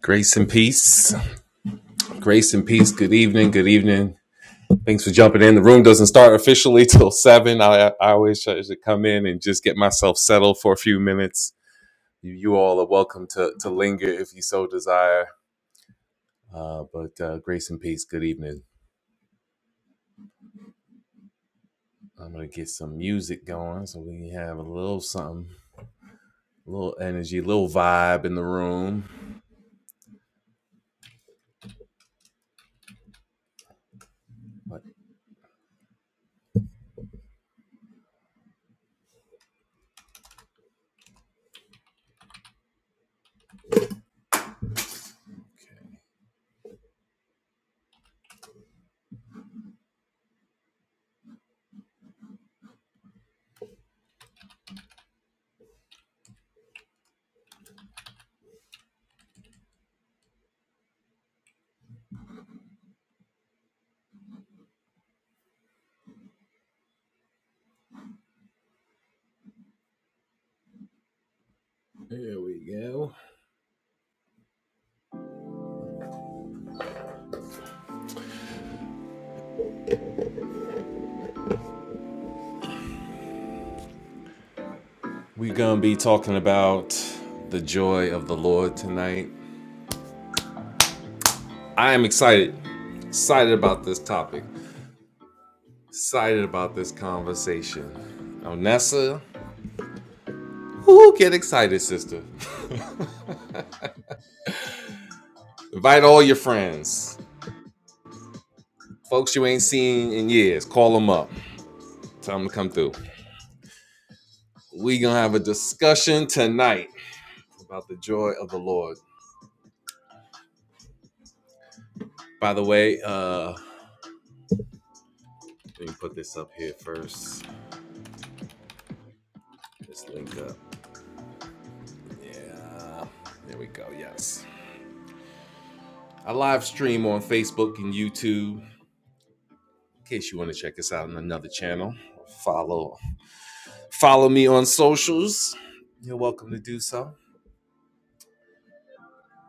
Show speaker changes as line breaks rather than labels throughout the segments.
Grace and peace. Grace and peace. Good evening. Good evening. Thanks for jumping in. The room doesn't start officially till seven. I, I always try to come in and just get myself settled for a few minutes. You, you all are welcome to, to linger if you so desire. Uh, but uh, grace and peace. Good evening. I'm going to get some music going so we can have a little something, a little energy, a little vibe in the room. But there we go. We're going to be talking about the joy of the Lord tonight. I am excited. Excited about this topic. Excited about this conversation. Now, Nessa, whoo, get excited, sister. Invite all your friends, folks you ain't seen in years. Call them up. Tell them to come through. We gonna have a discussion tonight about the joy of the Lord. By the way, uh, let me put this up here first. This link up. Yeah. There we go. Yes. I live stream on Facebook and YouTube in case you want to check us out on another channel. Follow follow me on socials, you're welcome to do so.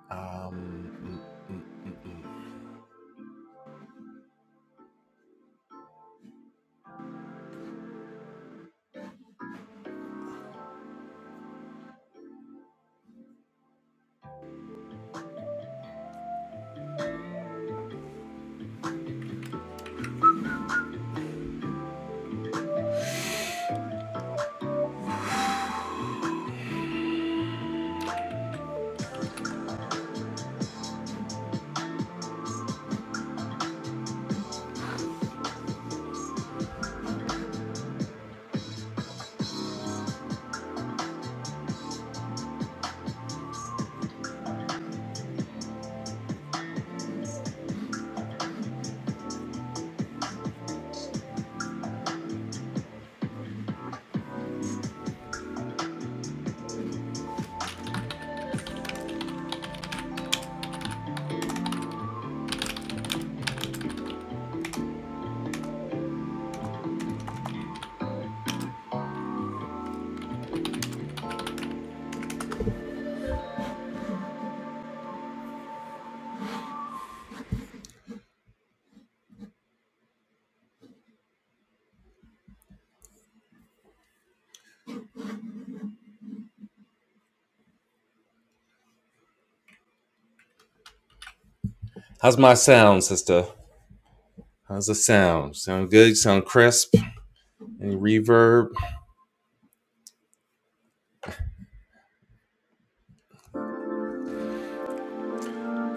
Um, mm, mm, mm, mm. How's my sound, sister? How's the sound? Sound good? Sound crisp? Any reverb?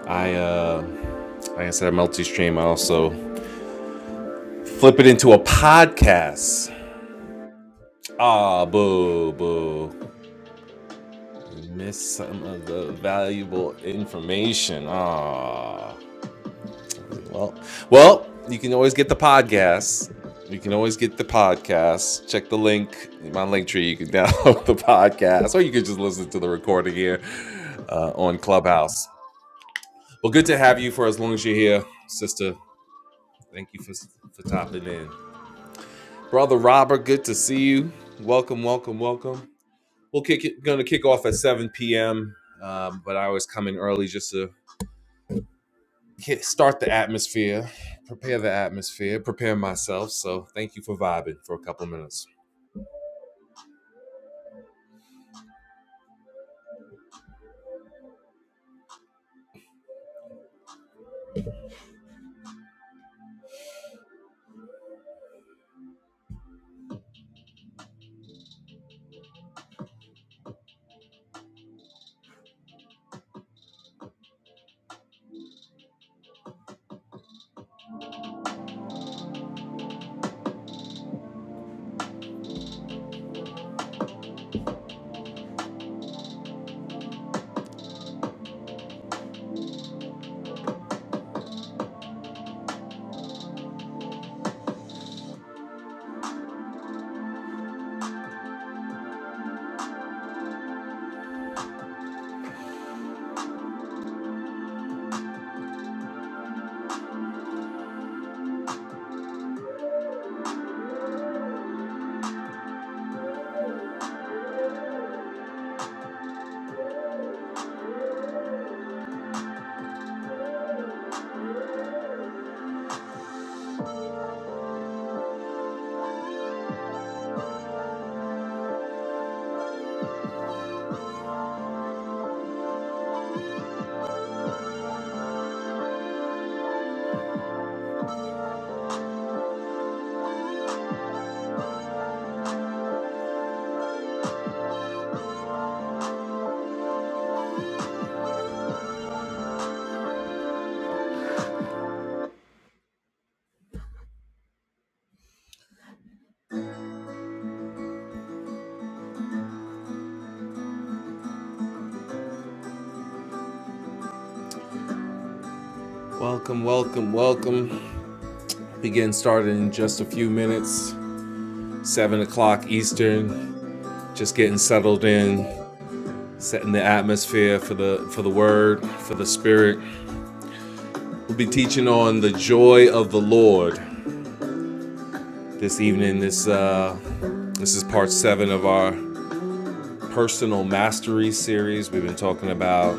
I, uh, like I said, I multi-stream. I also flip it into a podcast. Ah, boo, boo. Miss some of the valuable information. Ah. Well, well, you can always get the podcast. You can always get the podcast. Check the link my link tree. You can download the podcast, or you can just listen to the recording here uh, on Clubhouse. Well, good to have you for as long as you're here, sister. Thank you for for topping in, brother Robert. Good to see you. Welcome, welcome, welcome. We'll kick it. Going to kick off at 7 p.m. Um, but I was coming early just to hit, start the atmosphere, prepare the atmosphere, prepare myself. So thank you for vibing for a couple minutes. Welcome, welcome, welcome. Be getting started in just a few minutes. Seven o'clock Eastern. Just getting settled in, setting the atmosphere for the for the word, for the spirit. We'll be teaching on the joy of the Lord this evening. This uh, this is part seven of our personal mastery series. We've been talking about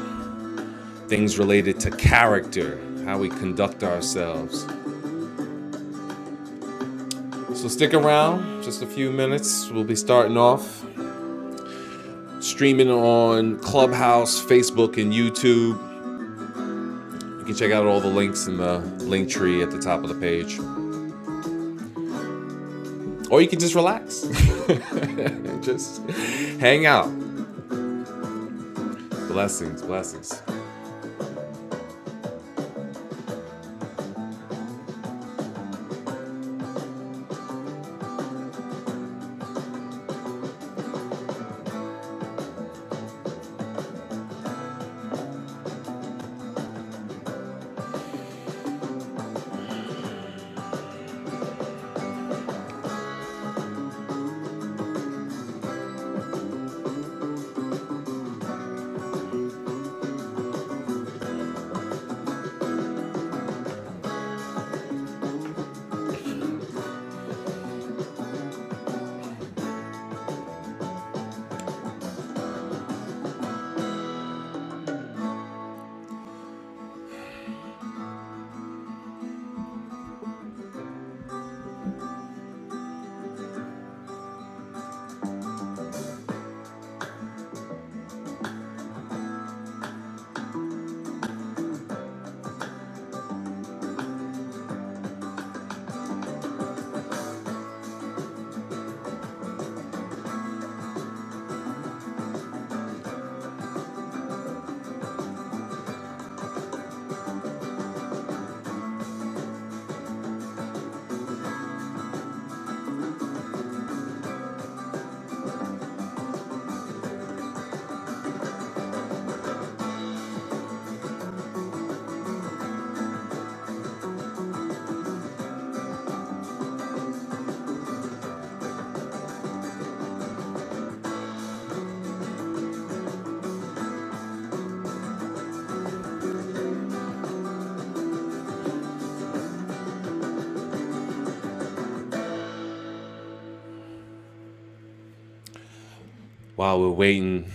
things related to character, how we conduct ourselves. So stick around, just a few minutes. We'll be starting off streaming on Clubhouse, Facebook, and YouTube. You can check out all the links in the link tree at the top of the page. Or you can just relax and just hang out. Blessings, blessings. While we're waiting,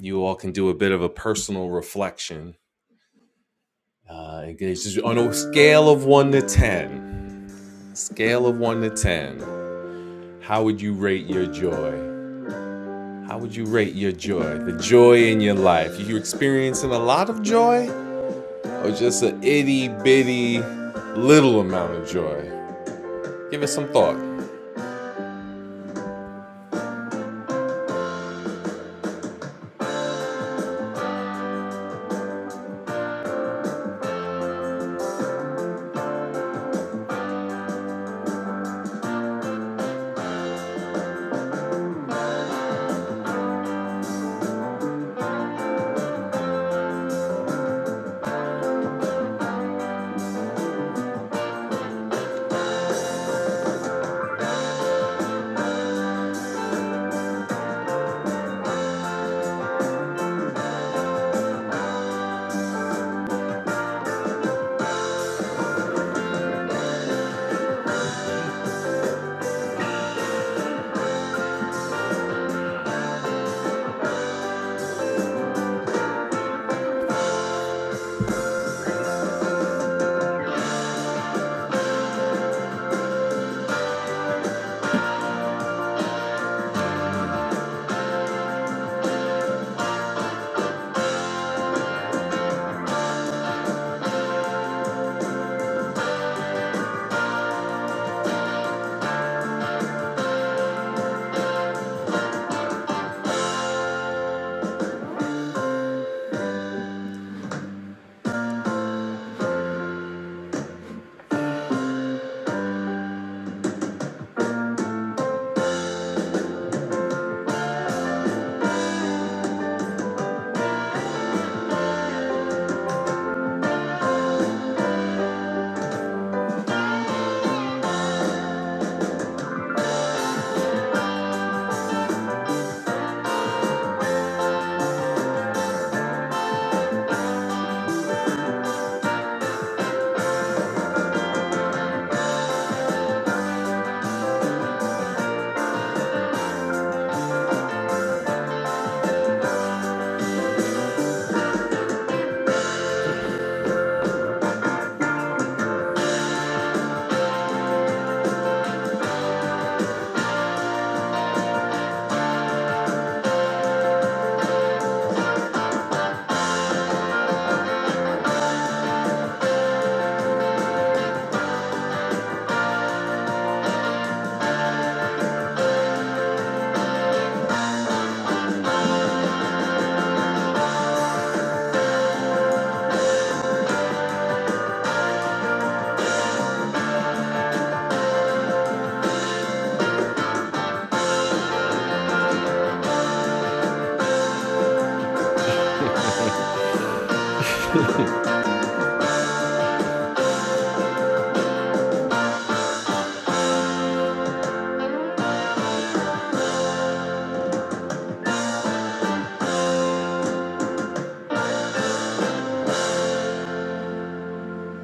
you all can do a bit of a personal reflection. Uh, on a scale of one to 10. Scale of one to 10. How would you rate your joy? How would you rate your joy? The joy in your life. Are You experiencing a lot of joy or just an itty bitty little amount of joy? Give it some thought.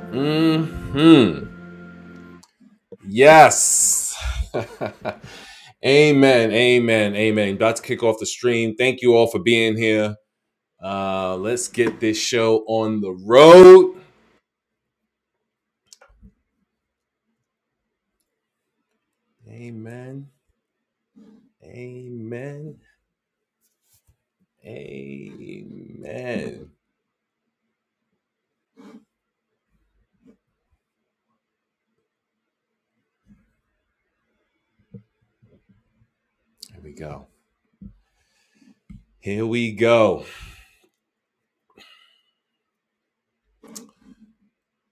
hmm Yes. amen. Amen. Amen. About to kick off the stream. Thank you all for being here. Uh, let's get this show on the road. Amen. Amen. Amen. Here we go. Here we go.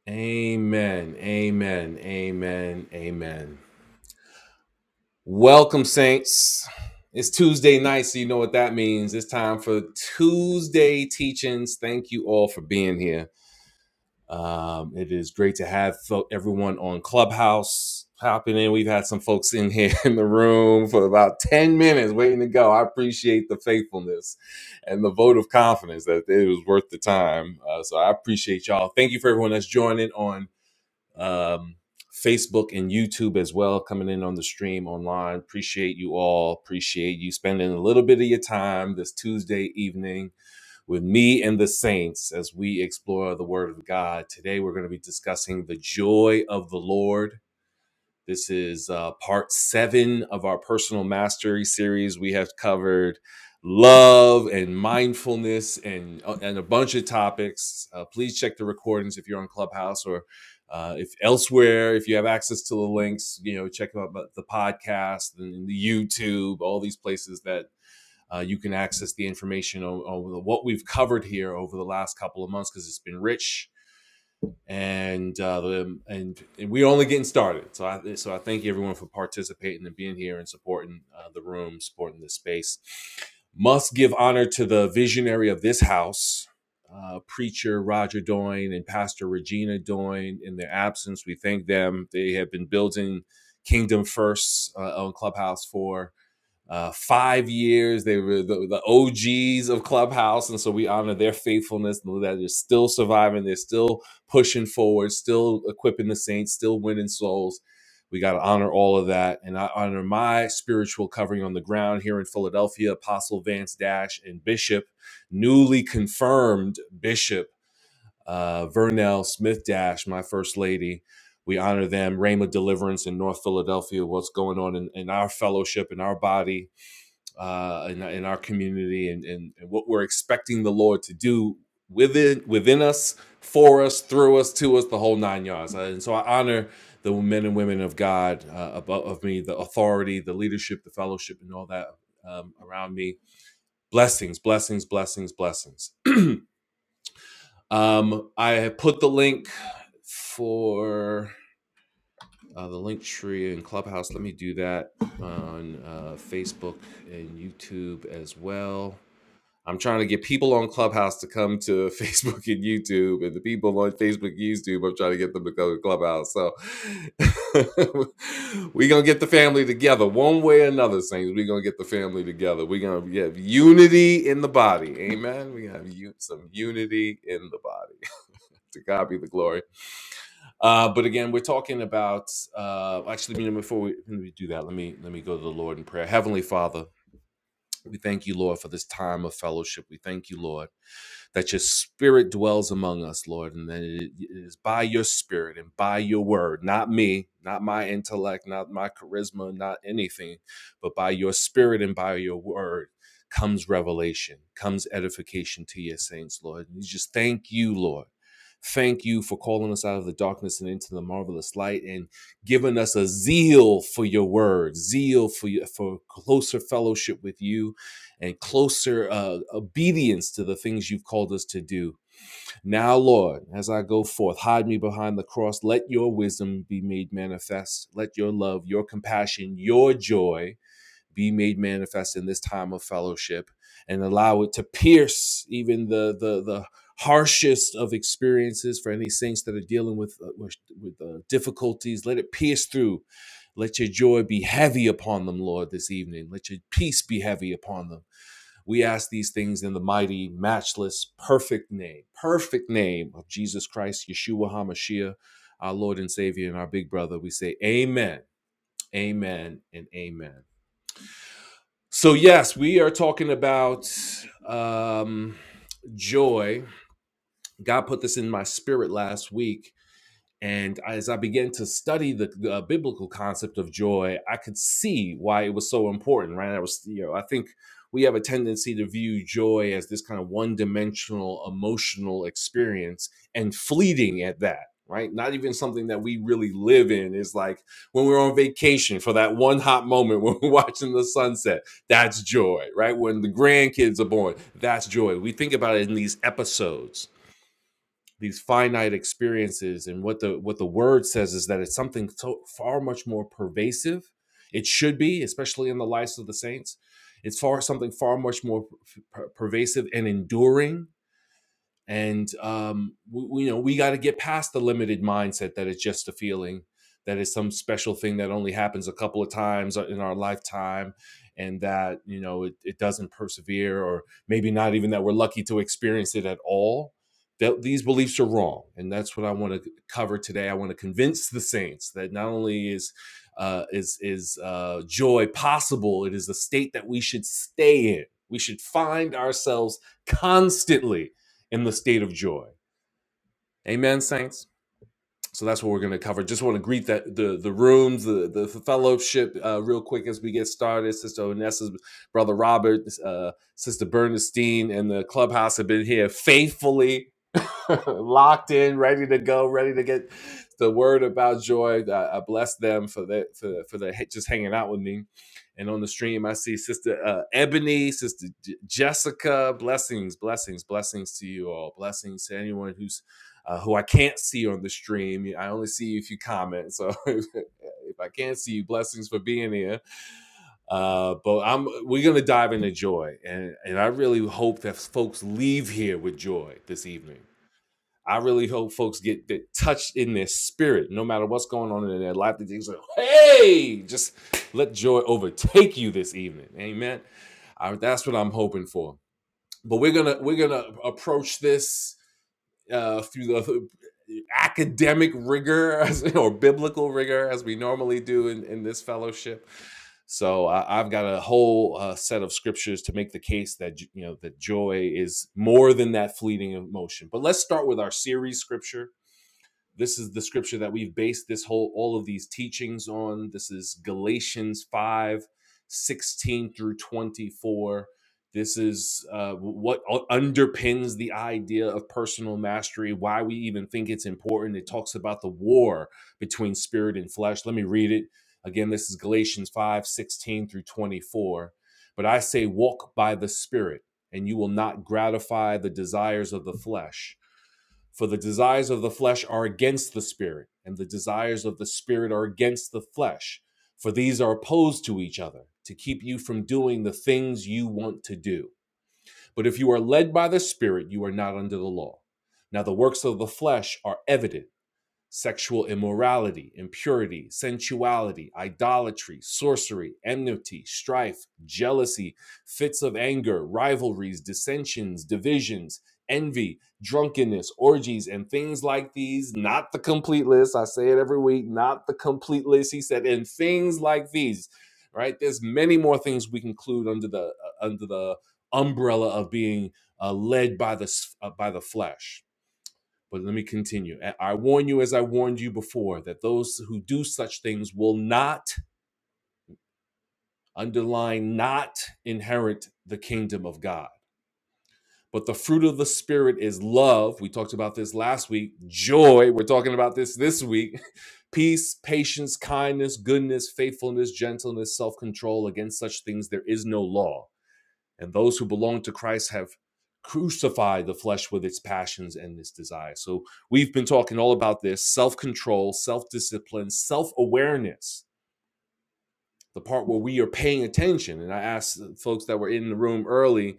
Amen. Amen. Amen. Amen. Welcome, Saints. It's Tuesday night, so you know what that means. It's time for Tuesday teachings. Thank you all for being here. Um, it is great to have everyone on Clubhouse popping in. We've had some folks in here in the room for about 10 minutes waiting to go. I appreciate the faithfulness and the vote of confidence that it was worth the time. Uh, so I appreciate y'all. Thank you for everyone that's joining on um, Facebook and YouTube as well, coming in on the stream online. Appreciate you all. Appreciate you spending a little bit of your time this Tuesday evening with me and the saints as we explore the Word of God. Today, we're going to be discussing the joy of the Lord this is uh, part seven of our personal mastery series. We have covered love and mindfulness and uh, and a bunch of topics. Uh, please check the recordings if you're on Clubhouse or uh, if elsewhere. If you have access to the links, you know check out the podcast and the YouTube, all these places that. Uh, you can access the information on, on what we've covered here over the last couple of months because it's been rich and uh, the, and, and we're only getting started. So I so I thank everyone for participating and being here and supporting uh, the room, supporting the space. Must give honor to the visionary of this house, uh, preacher Roger Doyne and Pastor Regina Doyne. In their absence, we thank them. They have been building Kingdom First uh, on Clubhouse for uh, five years. They were the, the OGs of Clubhouse, and so we honor their faithfulness that they're still surviving. They're still pushing forward, still equipping the saints, still winning souls. We got to honor all of that, and I honor my spiritual covering on the ground here in Philadelphia, Apostle Vance Dash and Bishop, newly confirmed Bishop uh, Vernell Smith Dash, my first lady we honor them. Rhema Deliverance in North Philadelphia, what's going on in, in our fellowship, in our body uh, in, in our community and, and, and what we're expecting the Lord to do within within us, for us, through us, to us, the whole nine yards. Uh, And so I honor the men and women of God uh, above of me, the authority, the leadership, the fellowship, and all that um, around me. Blessings, blessings, blessings, blessings. Um, I have put the link for uh, the link tree in Clubhouse. Let me do that on uh, Facebook and YouTube as well. I'm trying to get people on Clubhouse to come to Facebook and YouTube, and the people on Facebook and YouTube, I'm trying to get them to go to Clubhouse. So we're gonna get the family together one way or another, Saints. We're gonna get the family together. We're gonna have unity in the body. Amen. We're gonna have u- some unity in the body. To God be the glory. Uh, but again, we're talking about uh, actually. you know, Before we, let me do that, let me let me go to the Lord in prayer. Heavenly Father, we thank you, Lord, for this time of fellowship. We thank you, Lord that your spirit dwells among us, Lord, and that it it is by your spirit and by your word, not me, not my intellect, not my charisma, not anything, but by your spirit and by your word comes revelation, comes edification to your saints, Lord. And we just thank you, Lord. Thank you for calling us out of the darkness and into the marvelous light and giving us a zeal for your word, zeal for, your, for closer fellowship with you, and closer uh, obedience to the things you've called us to do. Now, Lord, as I go forth, hide me behind the cross. Let your wisdom be made manifest. Let your love, your compassion, your joy be made manifest in this time of fellowship and allow it to pierce even the, the, the harshest of experiences for any saints that are dealing with, uh, with, with uh, difficulties. Let it pierce through. Let your joy be heavy upon them, Lord, this evening. Let your peace be heavy upon them we ask these things in the mighty, matchless, perfect name, perfect name of Jesus Christ, Yeshua HaMashiach, our Lord and Savior and our big brother. We say amen, amen, and amen. So, yes, we are talking about um, joy. God put this in my spirit last week and as I began to study the, the uh, biblical concept of joy, I could see why it was so important, right? I was, you know, I think we have a tendency to view joy as this kind of one dimensional emotional experience and fleeting at that, right? Not even something that we really live in is like when we're on vacation for that one hot moment when we're watching the sunset, that's joy, right? When the grandkids are born, that's joy. We think about it in these episodes these finite experiences and what the what the word says is that it's something so far much more pervasive it should be especially in the lives of the saints it's far something far much more per- pervasive and enduring and um, we, we- you know we got to get past the limited mindset that it's just a feeling that it's some special thing that only happens a couple of times in our lifetime and that you know it, it doesn't persevere or maybe not even that we're lucky to experience it at all that these beliefs are wrong and that's what i want to cover today i want to convince the saints that not only is uh, is is uh, joy possible it is the state that we should stay in we should find ourselves constantly in the state of joy. Amen, saints? so that's what we're going to cover. Just want to greet that the the rooms, the the fellowship, uh, real quick as we get started. Sister Onessa's brother Robert, uh, Sister Bernstein, and the clubhouse have been here faithfully, locked in, ready to go, ready to get the word about joy. I, I bless them for that for for the just hanging out with me. And on the stream, I see Sister uh, Ebony, Sister J- Jessica. Blessings, blessings, blessings to you all. Blessings to anyone who's uh, who I can't see on the stream. I only see you if you comment. So if, I can't see you, blessings for being here. Uh, but I'm we're gonna dive into joy, and and I really hope that folks leave here with joy this evening. I really hope folks get that touched in their spirit, no matter what's going on in their life. That they say, "Hey, just let joy overtake you this evening." Amen. I, that's what I'm hoping for. But we're gonna we're gonna approach this uh, through the academic rigor as, or biblical rigor as we normally do in, in this fellowship. So I, I've got a whole uh, set of scriptures to make the case that you know that joy is more than that fleeting emotion. But let's start with our series scripture, this is the scripture that we've based this whole all of these teachings on this is galatians 5:16 through 24 this is uh, what underpins the idea of personal mastery why we even think it's important it talks about the war between spirit and flesh let me read it again this is galatians 5:16 through 24 but i say walk by the spirit and you will not gratify the desires of the flesh for the desires of the flesh are against the spirit, and the desires of the spirit are against the flesh. For these are opposed to each other to keep you from doing the things you want to do. But if you are led by the spirit, you are not under the law. Now the works of the flesh are evident sexual immorality, impurity, sensuality, idolatry, sorcery, enmity, strife, jealousy, fits of anger, rivalries, dissensions, divisions, envy, drunkenness, orgies, and things like these. Not the complete list. I say it every week, not the complete list. He said, and things like these. Right? There's many more things we can include under the uh, under the umbrella of being uh, led by the uh, by the flesh but let me continue. I warn you, as I warned you before, that those who do such things will not, underline, not inherit the kingdom of God. But the fruit of the Spirit is love. We talked about this last week. Joy. We're talking about this this week. Peace, patience, kindness, goodness, faithfulness, gentleness, self control. Against such things, there is no law. And those who belong to Christ have crucified the flesh with its passions and its desires. So we've been talking all about this self control, self discipline, self awareness, the part where we are paying attention. And I asked folks that were in the room early,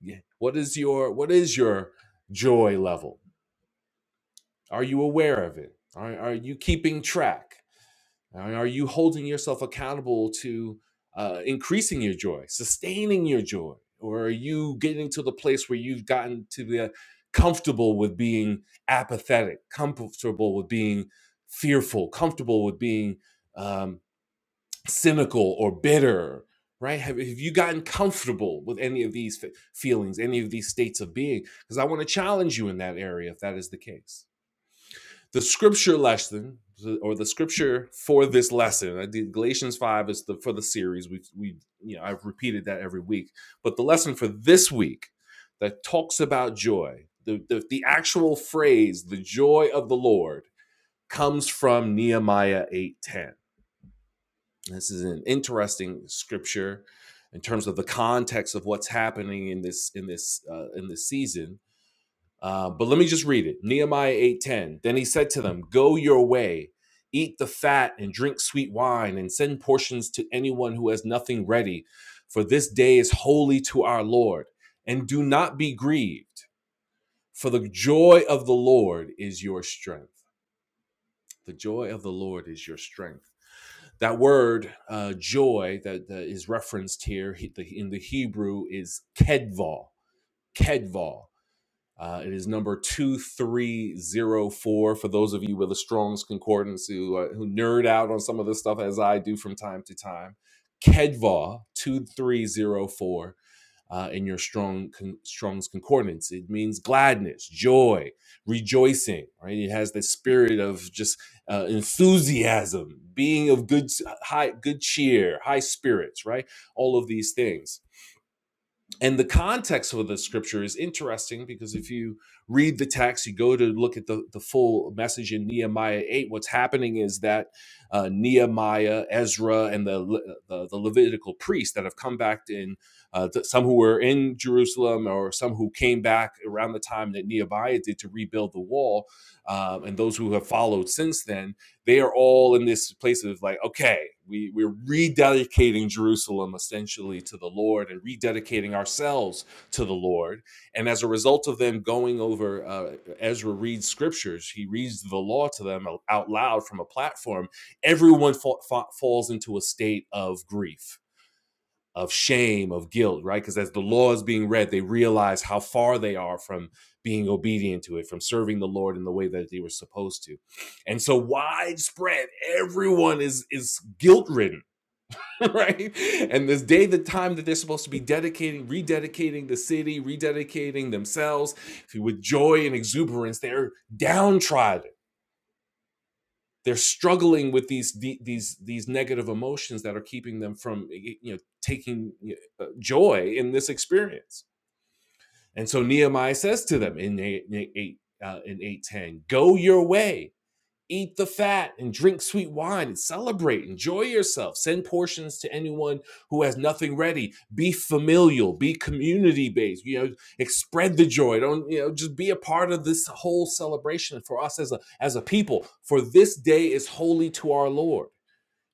yeah, what is your what is your joy level? Are you aware of it? Are, are you keeping track? And are you holding yourself accountable to uh, increasing your joy, sustaining your joy? Or are you getting to the place where you've gotten to be comfortable with being apathetic, comfortable with being fearful, comfortable with being um, cynical or bitter? Right? Have, have you gotten comfortable with any of these fe- feelings, any of these states of being? Because I want to challenge you in that area if that is the case the scripture lesson or the scripture for this lesson i did galatians 5 is the for the series we we you know i've repeated that every week but the lesson for this week that talks about joy the the, the actual phrase the joy of the lord comes from nehemiah 8:10 this is an interesting scripture in terms of the context of what's happening in this in this uh, in this season uh, but let me just read it. Nehemiah 8:10. Then he said to them, "Go your way, eat the fat and drink sweet wine and send portions to anyone who has nothing ready, for this day is holy to our Lord. And do not be grieved, for the joy of the Lord is your strength. The joy of the Lord is your strength." That word uh, joy that, that is referenced here in the Hebrew is kedval. Kedval Uh, it is number 2304 for those of you with a Strong's Concordance who, uh, who nerd out on some of this stuff as I do from time to time. Kedva 2304 uh, in your strong con- Strong's Concordance. It means gladness, joy, rejoicing, right? It has the spirit of just uh, enthusiasm, being of good, high, good cheer, high spirits, right? All of these things and the context of the scripture is interesting because if you read the text you go to look at the, the full message in nehemiah 8 what's happening is that uh, nehemiah ezra and the, Le- the, the levitical priests that have come back in uh, th- some who were in jerusalem or some who came back around the time that nehemiah did to rebuild the wall um, and those who have followed since then they are all in this place of like, okay, we, we're rededicating Jerusalem essentially to the Lord and rededicating ourselves to the Lord. And as a result of them going over, uh, Ezra reads scriptures, he reads the law to them out loud from a platform. Everyone fa- fa- falls into a state of grief of shame, of guilt, right? Because as the law is being read, they realize how far they are from being obedient to it, from serving the Lord in the way that they were supposed to. And so widespread, everyone is is guilt-ridden, right? And this day, the time that they're supposed to be dedicating, rededicating the city, rededicating themselves with joy and exuberance, they're downtrodden they're struggling with these these these negative emotions that are keeping them from you know taking uh, joy in this experience and so nehemiah says to them in 8, 8 uh, in 810 go your way eat the fat and drink sweet wine and celebrate enjoy yourself send portions to anyone who has nothing ready be familial be community based you know spread the joy don't you know just be a part of this whole celebration for us as a as a people for this day is holy to our lord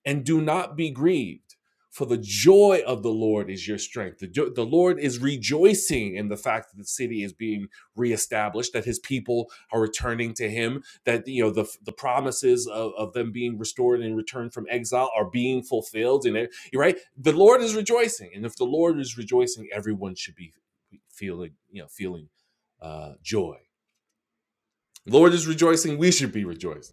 and do not be grieved. For the joy of the Lord is your strength. The, jo- the Lord is rejoicing in the fact that the city is being reestablished, that his people are returning to him, that you know the, the promises of, of them being restored and returned from exile are being fulfilled. And you're right, the Lord is rejoicing. And if the Lord is rejoicing, everyone should be feeling, you know, feeling uh, joy. The Lord is rejoicing, we should be rejoicing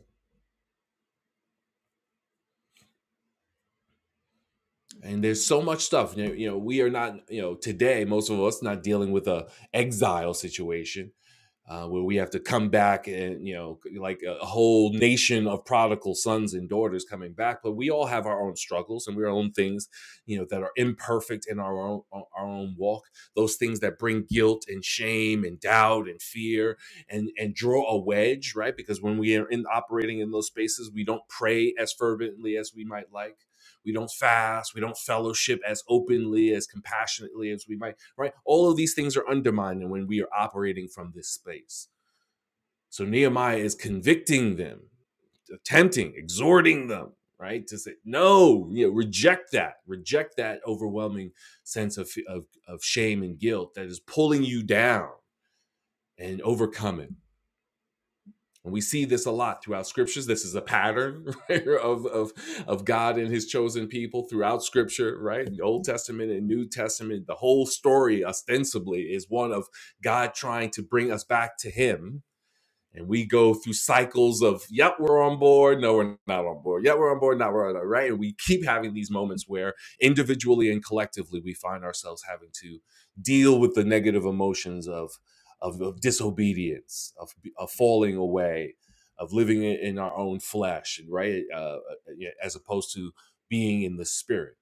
and there's so much stuff you know, you know we are not you know today most of us not dealing with a exile situation uh, where we have to come back and you know like a whole nation of prodigal sons and daughters coming back but we all have our own struggles and we have our own things you know that are imperfect in our own our own walk those things that bring guilt and shame and doubt and fear and and draw a wedge right because when we are in operating in those spaces we don't pray as fervently as we might like we don't fast we don't fellowship as openly as compassionately as we might right? All of these things are undermined when we are operating from this space. So Nehemiah is convicting them, attempting, exhorting them, right? To say, no, you know, reject that, reject that overwhelming sense of, of, of shame and guilt that is pulling you down and overcome it. And we see this a lot throughout scriptures. This is a pattern right, of, of, of God and his chosen people throughout scripture, right? In The Old Testament and New Testament, the whole story ostensibly is one of God trying to bring us back to him and we go through cycles of yep we're on board no we're not on board yep we're on board not we're not right and we keep having these moments where individually and collectively we find ourselves having to deal with the negative emotions of of, of disobedience of, of falling away of living in in our own flesh right uh, uh, yeah, as opposed to being in the spirit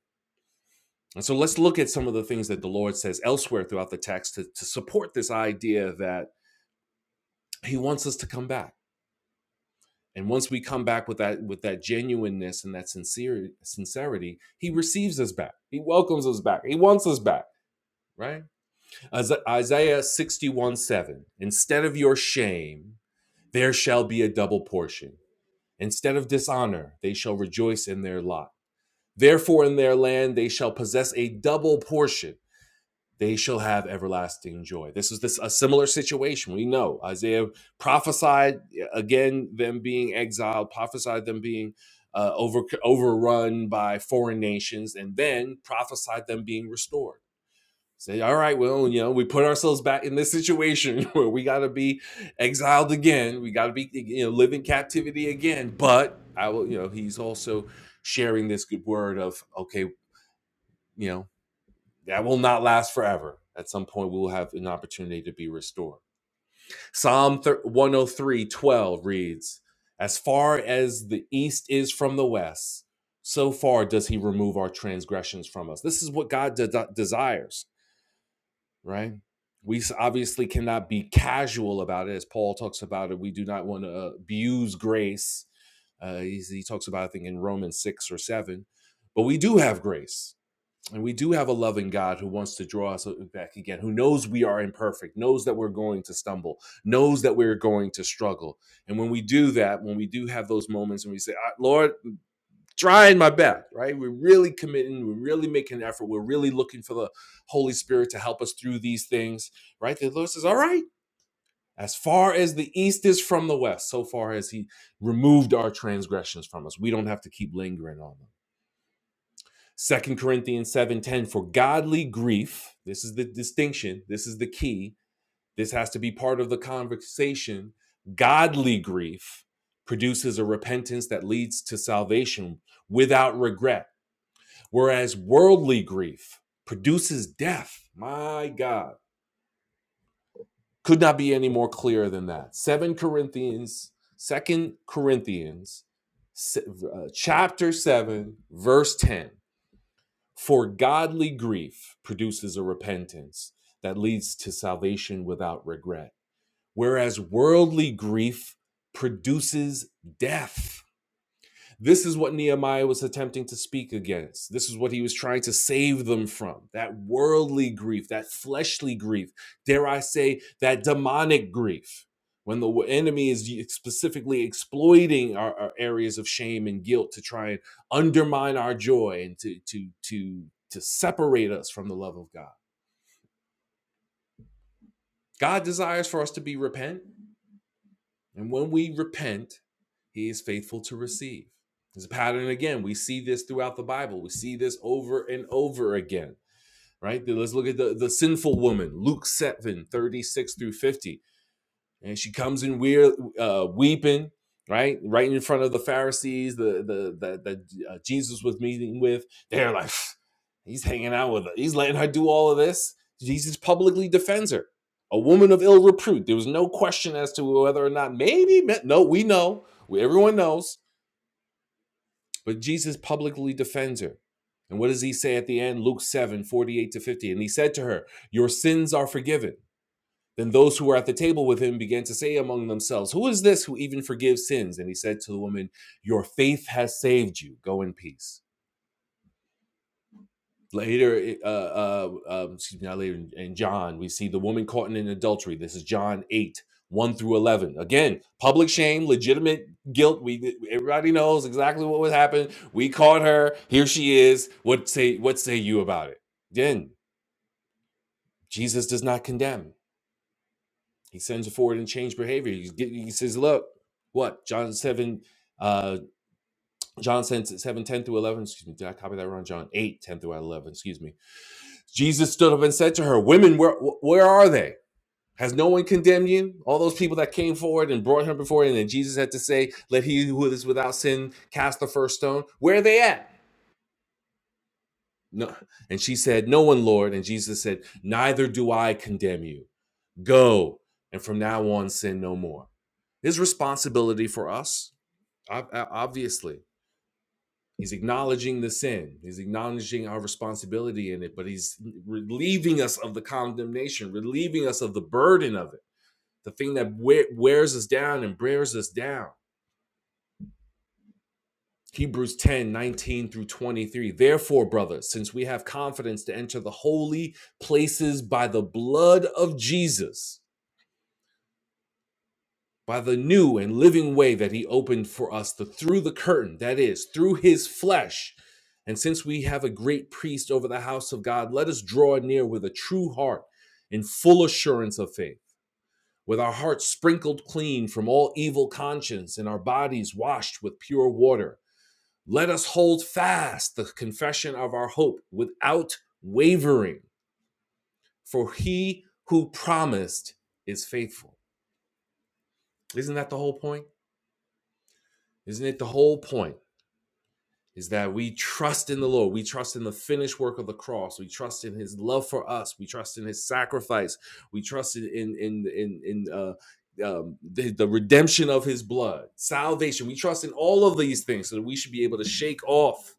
and so let's look at some of the things that the lord says elsewhere throughout the text to, to support this idea that he wants us to come back and once we come back with that with that genuineness and that sincere sincerity he receives us back he welcomes us back he wants us back right isaiah 61 7 instead of your shame there shall be a double portion instead of dishonor they shall rejoice in their lot therefore in their land they shall possess a double portion they shall have everlasting joy. This is this a similar situation. We know Isaiah prophesied yeah, again them being exiled, prophesied them being uh, over overrun by foreign nations, and then prophesied them being restored. Say, all right, well, you know, we put ourselves back in this situation where we got to be exiled again. We got to be, you know, live in captivity again. But I will, you know, he's also sharing this good word of, okay, you know that will not last forever. At some point, we will have an opportunity to be restored. Psalm 103 12 reads, As far as the east is from the west, so far does he remove our transgressions from us. This is what God de- desires, right? We obviously cannot be casual about it. As Paul talks about it, we do not want to abuse grace. Uh, he's- he talks about, I think, in Romans 6 or 7, but we do have grace and we do have a loving God who wants to draw us uh, back again, who knows we are imperfect, knows that we're going to stumble, knows that we're going to struggle. And when we do that, when we do have those moments and we say, "Ah, Lord, I'm trying my best, right? We're really committing, we're really making an effort, we're really looking for the Holy Spirit to help us through these things, right? The Lord says, All right, as far as the east is from the west, so far as He removed our transgressions from us, we don't have to keep lingering on them Second Corinthians 7:10 for godly grief, this is the distinction, this is the key. This has to be part of the conversation. Godly grief produces a repentance that leads to salvation without regret, whereas worldly grief produces death. My God, could not be any more clear than that. 7 Corinthians, Second Corinthians uh, chapter 7 verse 10 For godly grief produces a repentance that leads to salvation without regret, whereas worldly grief produces death. This is what Nehemiah was attempting to speak against. This is what he was trying to save them from that worldly grief, that fleshly grief, dare I say, that demonic grief. When the enemy is specifically exploiting our, our areas of shame and guilt to try and undermine our joy and to, to, to, to separate us from the love of God. God desires for us to be repent. And when we repent, he is faithful to receive. There's a pattern again. We see this throughout the Bible. We see this over and over again, right? Let's look at the, the sinful woman, Luke 7 36 through 50 and she comes in weird, uh, weeping, right, right in front of the Pharisees, the the that that uh, Jesus was meeting with. They're like, he's hanging out with her. He's letting her do all of this. Jesus publicly defends her, a woman of ill repute. There was no question as to whether or not maybe no, we know, everyone knows, but Jesus publicly defends her. And what does he say at the end? Luke 7 48 to 50. And he said to her, Your sins are forgiven. Then those who were at the table with him began to say among themselves, Who is this who even forgives sins? And he said to the woman, Your faith has saved you. Go in peace. Later, uh, uh, um, excuse me, not later, in John, we see the woman caught in adultery. This is John 8, 1 through 11. Again, public shame, legitimate guilt. We Everybody knows exactly what was happened. We caught her. Here she is. What say, what say you about it? Again, Jesus does not condemn. He sends it forward and change behavior. He's get, he says, look, what? John 7, uh, John 7, 10 through 11. Excuse me. Did I copy that wrong? John 8 10 through 11. Excuse me. Jesus stood up and said to her, women, where, where are they? Has no one condemned you? All those people that came forward and brought him before, you, and then Jesus had to say, let he who is without sin cast the first stone. Where are they at? No. And she said, no one, Lord. And Jesus said, neither do I condemn you. Go. And from now on, sin no more. His responsibility for us, obviously, he's acknowledging the sin, he's acknowledging our responsibility in it, but he's relieving us of the condemnation, relieving us of the burden of it, the thing that wears us down and bears us down. Hebrews 10 19 through 23. Therefore, brothers, since we have confidence to enter the holy places by the blood of Jesus by the new and living way that he opened for us the, through the curtain, that is, through his flesh. And since we have a great priest over the house of God, let us draw near with a true heart in full assurance of faith, with our hearts sprinkled clean from all evil conscience and our bodies washed with pure water. Let us hold fast the confession of our hope without wavering, for he who promised is faithful. Isn't that the whole point? Isn't it the whole point? is that we trust in the Lord. We trust in the finished work of the cross. We trust in His love for us. We trust in His sacrifice. We trust in in in in, in uh, um, the, the redemption of His blood, salvation. We trust in all of these things, so that we should be able to shake off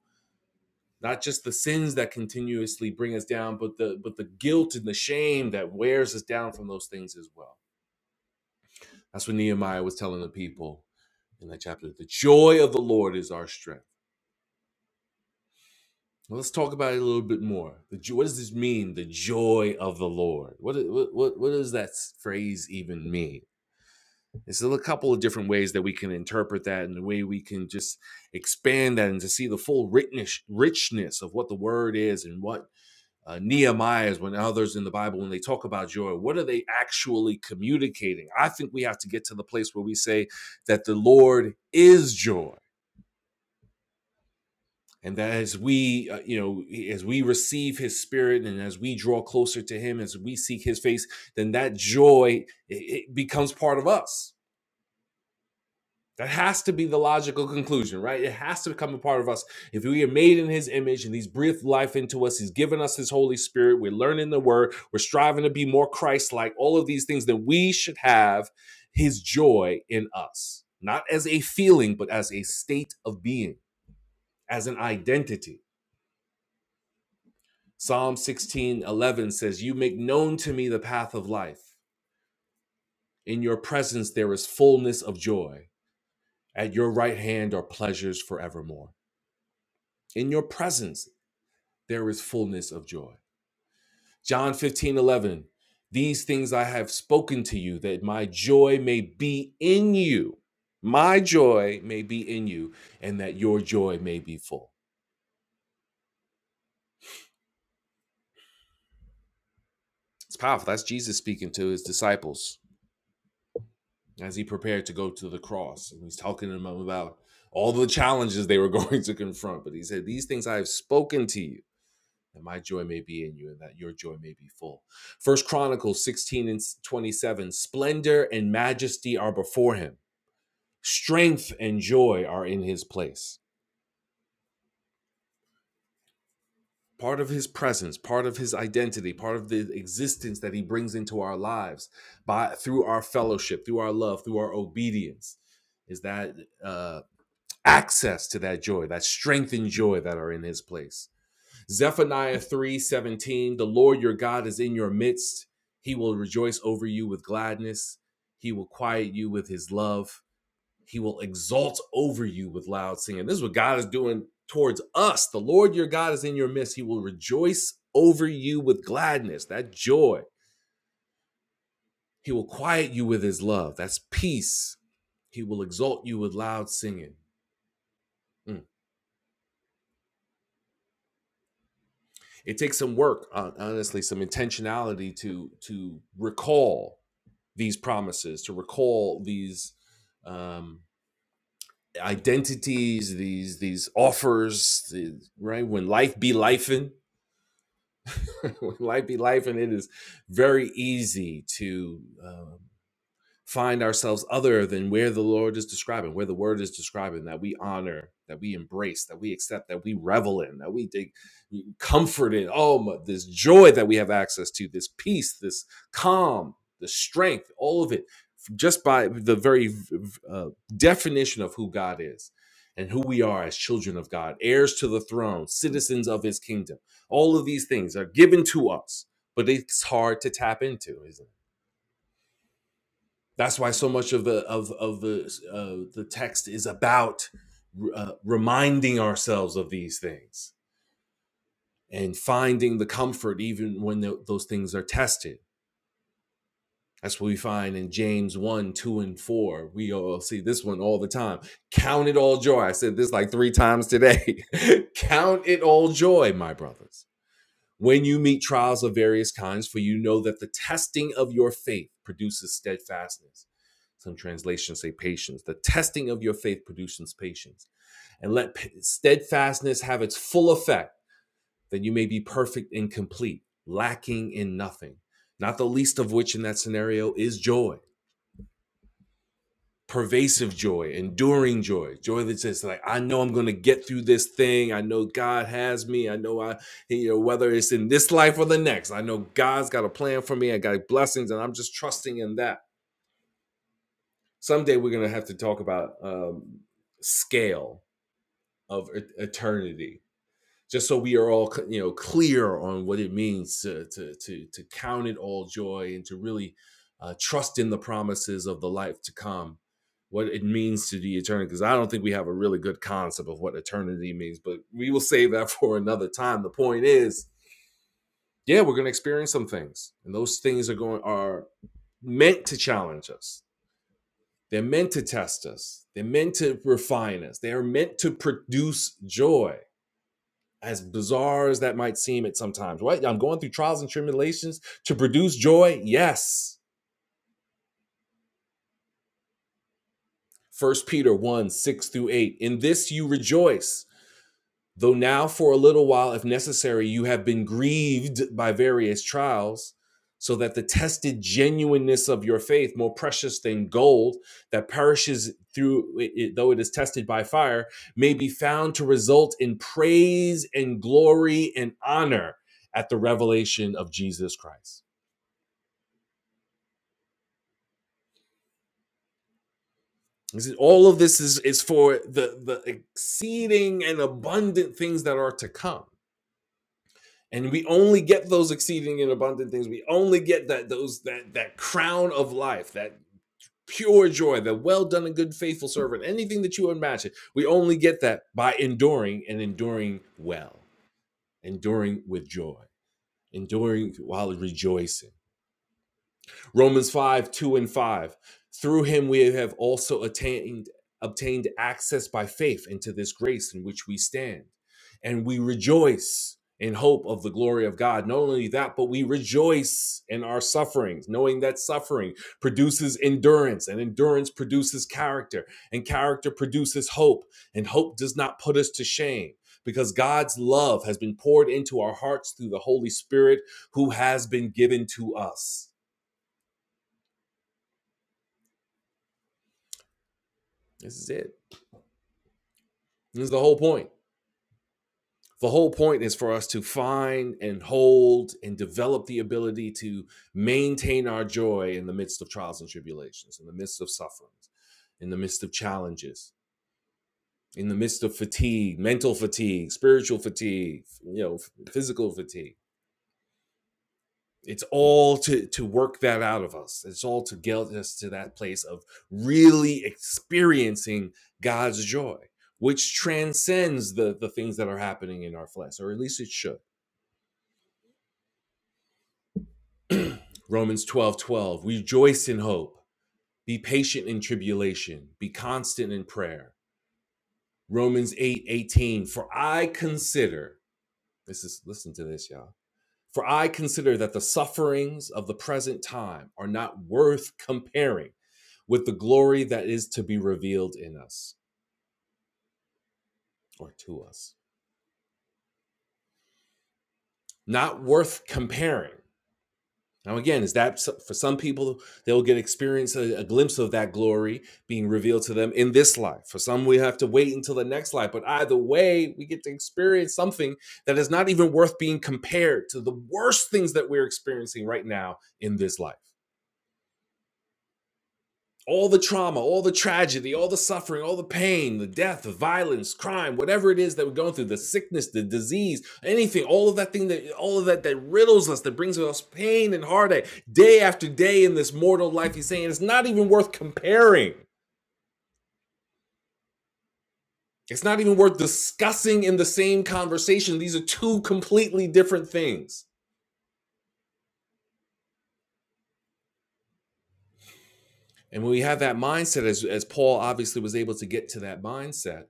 not just the sins that continuously bring us down, but the but the guilt and the shame that wears us down from those things as well. That's what Nehemiah was telling the people in that chapter. The joy of the Lord is our strength. Well, Let's talk about it a little bit more. The jo- what does this mean? The joy of the Lord. What what what, what does that phrase even mean? There's still a couple of different ways that we can interpret that, and the way we can just expand that and to see the full richness richness of what the word is and what uh, Nehemiah is when others in the Bible when they talk about joy. What are they actually communicating? I think we have to get to the place where we say that the Lord is joy and that as we uh, you know as we receive his spirit and as we draw closer to him as we seek his face then that joy it, it becomes part of us that has to be the logical conclusion right it has to become a part of us if we are made in his image and he's breathed life into us he's given us his holy spirit we're learning the word we're striving to be more christ-like all of these things then we should have his joy in us not as a feeling but as a state of being as an identity Psalm 16 11 says, You make known to me the path of life. In your presence there is fullness of joy. At your right hand are pleasures forevermore. In your presence there is fullness of joy. John 15 11, These things I have spoken to you, that my joy may be in you. My joy may be in you, and that your joy may be full. It's powerful. That's Jesus speaking to his disciples as he prepared to go to the cross. And he's talking to them about all the challenges they were going to confront. But he said, These things I have spoken to you, that my joy may be in you, and that your joy may be full. First Chronicles 16 and 27 Splendor and majesty are before him, strength and joy are in his place. Part of his presence, part of his identity, part of the existence that he brings into our lives by through our fellowship, through our love, through our obedience, is that uh, access to that joy, that strength and joy that are in his place. Zephaniah 3:17, the Lord your God is in your midst. He will rejoice over you with gladness. He will quiet you with his love. He will exalt over you with loud singing. This is what God is doing towards us. The Lord your God is in your midst. He will rejoice over you with gladness, that joy. He will quiet you with his love. That's peace. He will exalt you with loud singing. Mm. It takes some work, honestly, some intentionality to to recall these promises, to recall these um, identities, these these offers. the- right when life be lifing, when life be lifing, it is very easy to. Um, find ourselves other than where the Lord is describing, where the word is describing, that we honor, that we embrace, that we accept, that we revel in, that we take comfort in. Oh, my, this joy that we have access to, this peace, this calm, the strength, all of it, just by the very uh, definition of who God is. And who we are as children of God, heirs to the throne, citizens of his kingdom. All of these things are given to us, but it's hard to tap into, isn't it? That's why so much of the of of the uh, the text is about uh, reminding ourselves of these things and finding the comfort even when tho- those things are tested. That's what we find in James 1, 2, and 4. We all see this one all the time. Count it all joy. I said this like three times today. Count it all joy, my brothers When you meet trials of various kinds, for you know that the testing of your faith produces steadfastness. Some translations say patience. The testing of your faith produces patience. And let steadfastness have its full effect, that you may be perfect and complete, lacking in nothing. Not the least of which in that scenario is joy pervasive joy, enduring joy, joy that says like I know I'm going to get through this thing. I know God has me. I know I you know whether it's in this life or the next. I know God's got a plan for me. I got blessings and I'm just trusting in that. Someday we're going to have to talk about um scale of e-, eternity just so we are all you know clear on what it means to to to, to count it all joy and to really uh, trust in the promises of the life to come what it means to the eternity because i don't think we have a really good concept of what eternity means but we will save that for another time the point is yeah we're going to experience some things and those things are going are meant to challenge us they're meant to test us they're meant to refine us they are meant to produce joy as bizarre as that might seem at sometimes, right? I'm going through trials and tribulations to produce joy. Yes. First Peter 1, 6 through 8. In this you rejoice Though now, for a little while, if necessary, you have been grieved by various trials, so that the tested genuineness of your faith, more precious than gold that perishes through it, though it is tested by fire, may be found to result in praise and glory and honor at the revelation of Jesus Christ. all of this is, is for the, the exceeding and abundant things that are to come. and we only get those exceeding and abundant things we only get that those that that crown of life that pure joy that well done and good faithful servant anything that you imagine we only get that by enduring and enduring well enduring with joy enduring while rejoicing Romans 5, 2 and 5. Through him we have also attained obtained access by faith into this grace in which we stand. And we rejoice in hope of the glory of God. Not only that, but we rejoice in our sufferings, knowing that suffering produces endurance, and endurance produces character, and character produces hope, and hope does not put us to shame. Because God's love has been poured into our hearts through the Holy Spirit who has been given to us. This is it. This is the whole point. The whole point is for us to find and hold and develop the ability to maintain our joy in the midst of trials and tribulations, in the midst of sufferings, in the midst of challenges, in the midst of fatigue, mental fatigue, spiritual fatigue, you know, physical fatigue It's all to to work that out of us. It's all to get us to that place of really experiencing God's joy, which transcends the the things that are happening in our flesh, or at least it should. Romans 12 12. rejoice in hope, be patient in tribulation, be constant in prayer. Romans 8 18. for I consider, this is listen to this, y'all. For I consider that the sufferings of the present time are not worth comparing with the glory that is to be revealed in us or to us. Not worth comparing. Now, again, is that so- for some people, they'll get experience a, a glimpse of that glory being revealed to them in this life. For some, we have to wait until the next life. But either way, we get to experience something that is not even worth being compared to the worst things that we're experiencing right now in this life. all the trauma, all the tragedy, all the suffering, all the pain, the death, the violence, crime, whatever it is that we're going through, the sickness, the disease, anything, all of that thing that all of that that riddles us, that brings us pain and heartache day after day in this mortal life. He's saying it's not even worth comparing. It's not even worth discussing in the same conversation. These are two completely different things. And when we have that mindset, as, as Paul obviously was able to get to that mindset,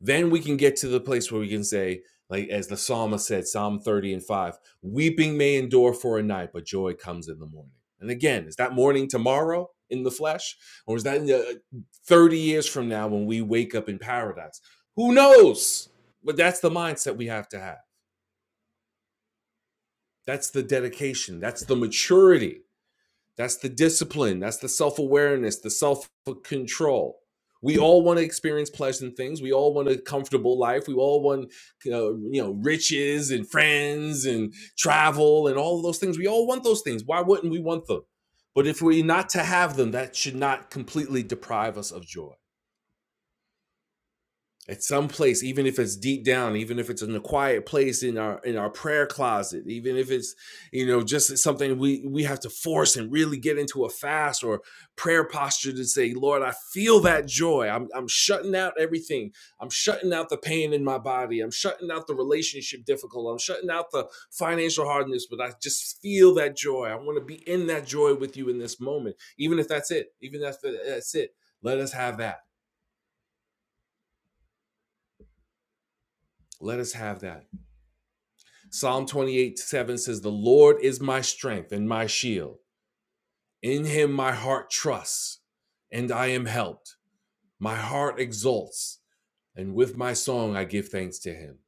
Then we can get to the place where we can say, like as the psalmist said, Psalm 30 and 5, weeping may endure for a night, but joy comes in the morning. And again, is that morning tomorrow in the flesh? Or is that in the 30 years from now when we wake up in paradise? Who knows? But that's the mindset we have to have. That's the dedication. That's the maturity that's the discipline. That's the self awareness, the self control. We all want to experience pleasant things. We all want a comfortable life. We all want, uh, you know, riches and friends and travel and all of those things. We all want those things. Why wouldn't we want them? But if we're not to have them, that should not completely deprive us of joy at some place even if it's deep down even if it's in a quiet place in our in our prayer closet even if it's you know just something we we have to force and really get into a fast or prayer posture to say lord i feel that joy i'm i'm shutting out everything i'm shutting out the pain in my body i'm shutting out the relationship difficulty. i'm shutting out the financial hardness but i just feel that joy i want to be in that joy with you in this moment even if that's it even if that's that's it let us have that let us have that Psalm 28 7 says, The Lord is my strength and my shield. In him my heart trusts, and I am helped. My heart exults, and with my song I give thanks to him.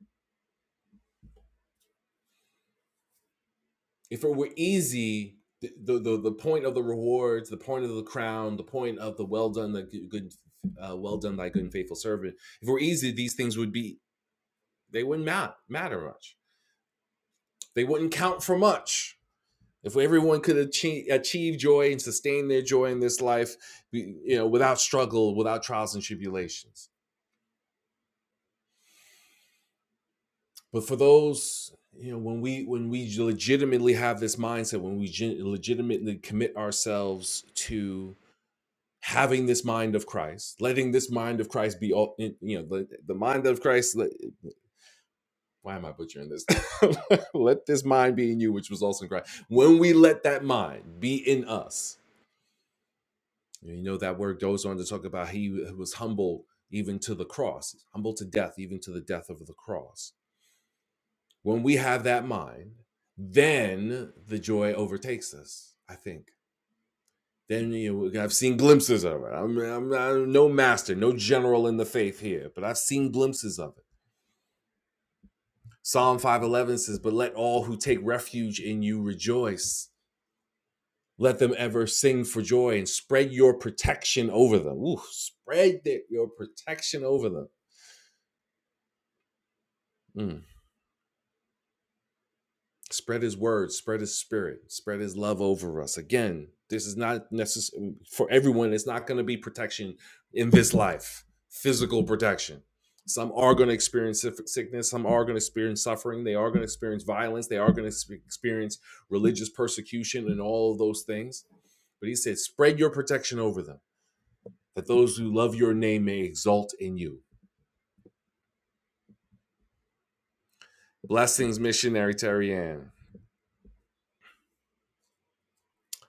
If it were easy, the, the, the, the point of the rewards, the point of the crown, the point of the well done, the good, uh, well done, thy good and faithful servant. If it were easy, these things would be, they wouldn't mat- matter much. They wouldn't count for much If everyone could achieve, achieve joy and sustain their joy in this life, you know, without struggle, without trials and tribulations. But for those, you know, when we when we legitimately have this mindset, when we gen- legitimately commit ourselves to having this mind of Christ, letting this mind of Christ be all, you know, the, the mind of Christ. Let, why am I butchering this? let this mind be in you, which was also in Christ. When we let that mind be in us, You know, that word goes on to talk about he was humble even to the cross, humble to death, even to the death of the cross. When we have that mind, then the joy overtakes us, I think. Then you know, I've seen glimpses of it. I'm, I'm, I'm no master, no general in the faith here, but I've seen glimpses of it. Psalm 511 says, But let all who take refuge in you rejoice. Let them ever sing for joy and spread your protection over them. Ooh, spread that your protection over them. Mm. Spread his word, spread his spirit, spread his love over us. Again, this is not necessary for everyone. It's not going to be protection in this life, physical protection. Some are going to experience sickness. Some are going to experience suffering. They are going to experience violence. They are going to experience religious persecution and all of those things. But he said, spread your protection over them, that those who love your name may exult in you. Blessings, missionary Terry Ann.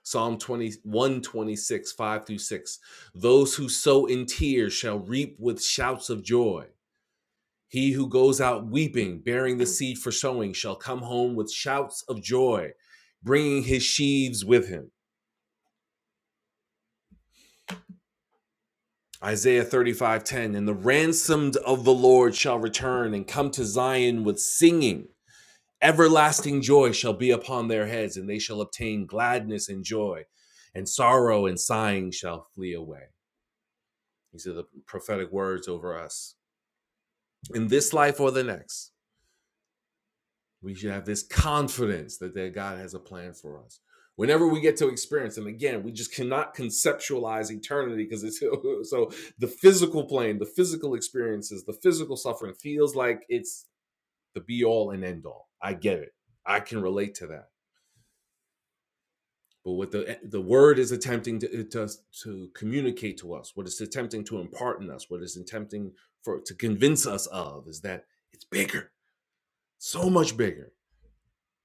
Psalm 20, 126, 5 through 6. Those who sow in tears shall reap with shouts of joy. He who goes out weeping, bearing the seed for sowing, shall come home with shouts of joy, bringing his sheaves with him. Isaiah 35 10. And the ransomed of the Lord shall return and come to Zion with singing. Everlasting joy shall be upon their heads, and they shall obtain gladness and joy, and sorrow and sighing shall flee away. These are the prophetic words over us. In this life or the next, we should have this confidence that, that God has a plan for us. Whenever we get to experience, and again, we just cannot conceptualize eternity because it's so the physical plane, the physical experiences, the physical suffering feels like it's the be all and end all. I get it. I can relate to that But what the eh, the word is attempting to, to to communicate to us, what it's attempting to impart in us, what it's attempting for to convince us of, is that it's bigger, so much bigger.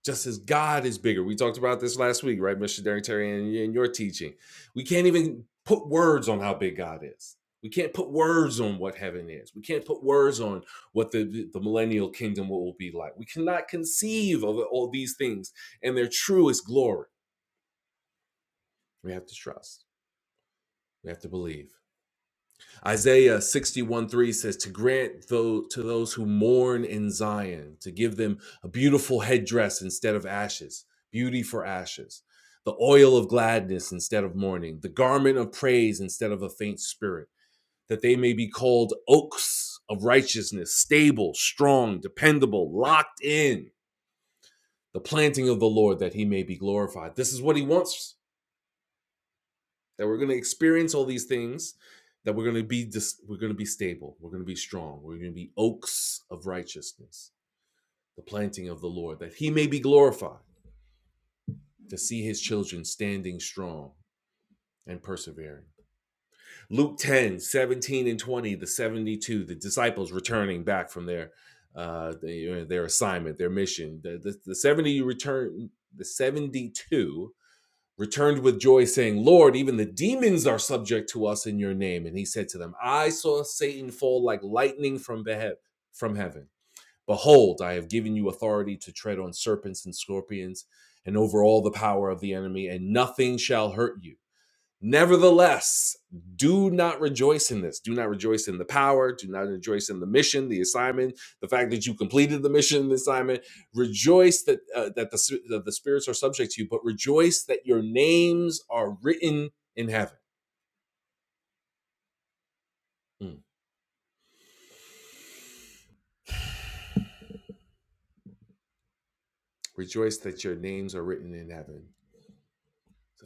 Just as God is bigger. We talked about this last week, right, Missionary Terry, and in your teaching. We can't even put words on how big God is. We can't put words on what heaven is. We can't put words on what the, the millennial kingdom will be like. We cannot conceive of all these things and their truest glory. We have to trust. We have to believe. Isaiah 61 3 says, To grant though to those who mourn in Zion, to give them a beautiful headdress instead of ashes, beauty for ashes, the oil of gladness instead of mourning, the garment of praise instead of a faint spirit, that they may be called oaks of righteousness, stable, strong, dependable, locked in, the planting of the Lord, that he may be glorified. This is what he wants that we're going to experience all these things that we're going to be dis- we're going to be stable we're going to be strong we're going to be oaks of righteousness the planting of the lord that he may be glorified to see his children standing strong and persevering luke 10 17 and 20 the 72 the disciples returning back from their uh their, their assignment their mission the, the, the 70 return the 72 returned with joy, saying, Lord, even the demons are subject to us in your name. And he said to them, I saw Satan fall like lightning from, behe- from heaven. Behold, I have given you authority to tread on serpents and scorpions and over all the power of the enemy, and nothing shall hurt you. Nevertheless, do not rejoice in this. Do not rejoice in the power. Do not rejoice in the mission, the assignment, the fact that you completed the mission, the assignment. Rejoice that uh, that the that the spirits are subject to you, but rejoice that your names are written in heaven. Mm. Rejoice that your names are written in heaven.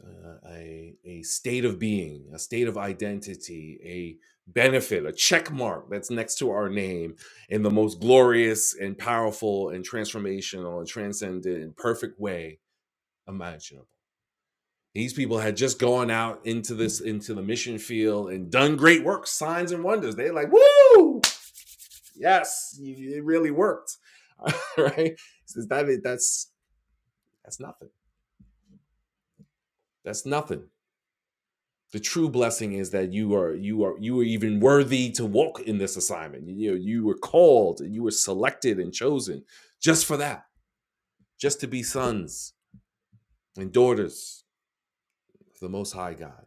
uh, a, a state of being, a state of identity, a benefit, a check mark that's next to our name in the most glorious and powerful and transformational and transcendent and perfect way imaginable. These people had just gone out into this into the mission field and done great work, signs and wonders. They like, woo, yes, it really worked, right? So that that's that's nothing. That's nothing. the true blessing is that you are you are you are even worthy to walk in this assignment you know you were called and you were selected and chosen just for that just to be sons and daughters of the most high god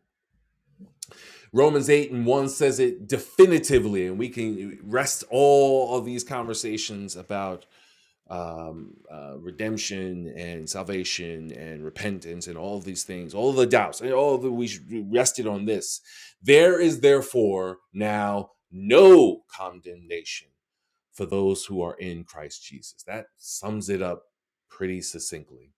romans 8 and 1 says it definitively and we can rest all of these conversations about um, uh, redemption and salvation and repentance and all these things, all the doubts, and all that we rested on this. There is therefore now no condemnation for those who are in Christ Jesus. That sums it up pretty succinctly.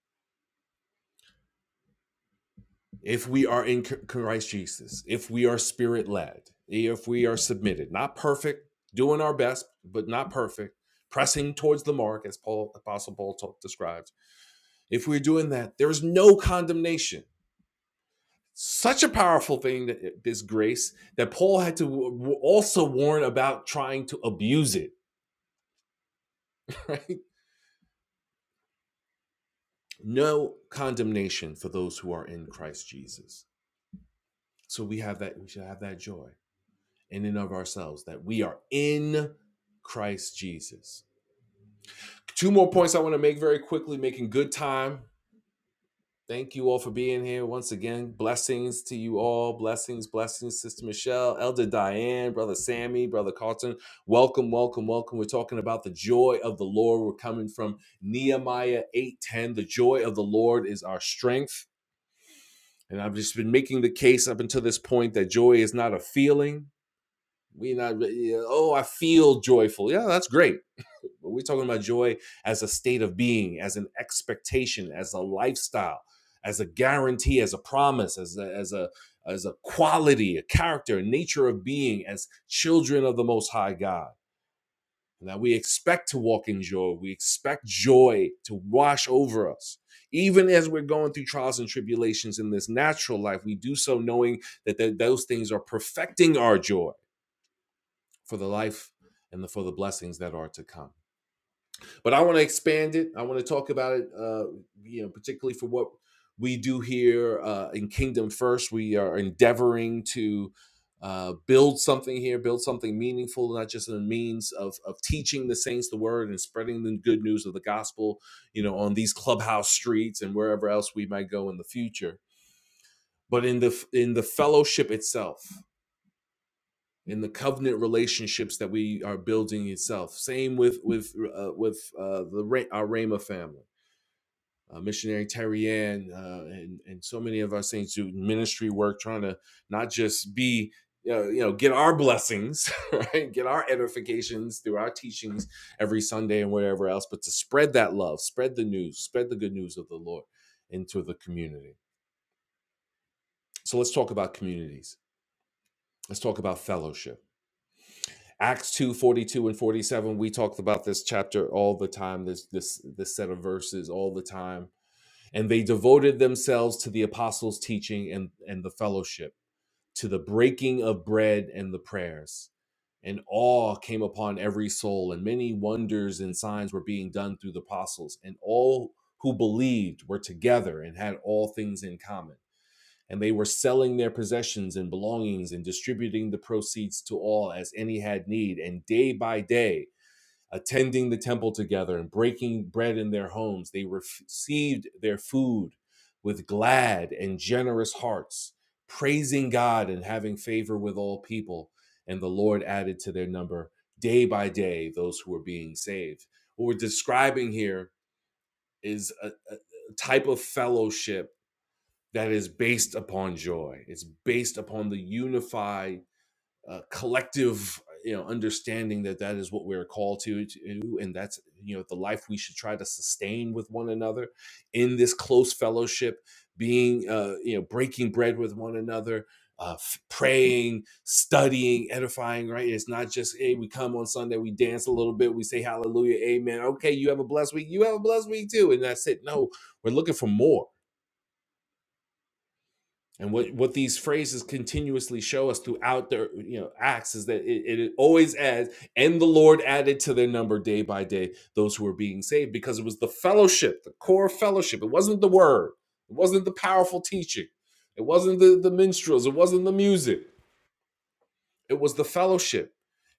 If we are in Christ Jesus, if we are spirit led, if we are submitted, not perfect, doing our best, but not perfect, pressing towards the mark, as Paul, Apostle Paul ta- describes If we're doing that, there is no condemnation. Such a powerful thing that is grace that Paul had to also warn about trying to abuse it, right? No condemnation for those who are in Christ Jesus. So we have that, we should have that joy in and of ourselves that we are in Christ Jesus. Two more points I want to make very quickly, making good time Thank you all for being here once again. Blessings to you all. Blessings, blessings, Sister Michelle, Elder Diane, Brother Sammy, Brother Carlton. Welcome, welcome, welcome. We're talking about the joy of the Lord. We're coming from Nehemiah 8:10. The joy of the Lord is our strength. And I've just been making the case up until this point that joy is not a feeling. We're not, yeah, oh, I feel joyful. Yeah, that's great but we're talking about joy as a state of being, as an expectation, as a lifestyle, as a guarantee, as a promise, as a, as a as a quality, a character, a nature of being, as children of the Most High God. And that we expect to walk in joy. We expect joy to wash over us. Even as we're going through trials and tribulations in this natural life, we do so knowing that th- those things are perfecting our joy for the life and the, for the blessings that are to come but I want to expand it. I want to talk about it, uh, you know, particularly for what we do here uh, in Kingdom First. We are endeavoring to uh, build something here, build something meaningful, not just in the means of, of teaching the saints the word and spreading the good news of the gospel, you know, on these clubhouse streets and wherever else we might go in the future, but in the in the fellowship itself. In the covenant relationships that we are building itself, same with with uh, with uh, the Ra- our Rama family uh, missionary Terry Ann, uh, and and so many of our saints do ministry work, trying to not just be you know, you know get our blessings, right, get our edifications through our teachings every Sunday and whatever else, but to spread that love, spread the news, spread the good news of the Lord into the community. So let's talk about communities. Let's talk about fellowship. Acts 2 42 and 47. We talked about this chapter all the time, this this this set of verses all the time and they devoted themselves to the apostles' teaching and, and the fellowship, to the breaking of bread and the prayers. And awe came upon every soul, and many wonders and signs were being done through the apostles. And all who believed were together and had all things in common. And they were selling their possessions and belongings and distributing the proceeds to all as any had need. And day by day, attending the temple together and breaking bread in their homes. They received their food with glad and generous hearts, praising God and having favor with all people. And the Lord added to their number day by day those who were being saved. What we're describing here is a, a a type of fellowship that is based upon joy, it's based upon the unified uh, collective you know understanding that that is what we're called to, to and that's you know the life we should try to sustain with one another in this close fellowship being uh, you know breaking bread with one another uh, praying studying edifying right it's not just hey we come on sunday we dance a little bit we say hallelujah amen okay you have a blessed week you have a blessed week too and that's it no we're looking for more and what, what these phrases continuously show us throughout their you know acts is that it, it always adds, and the Lord added to their number day by day those who were being saved, because it was the fellowship, the core fellowship. It wasn't the word, it wasn't the powerful teaching, it wasn't the, the minstrels, it wasn't the music. It was the fellowship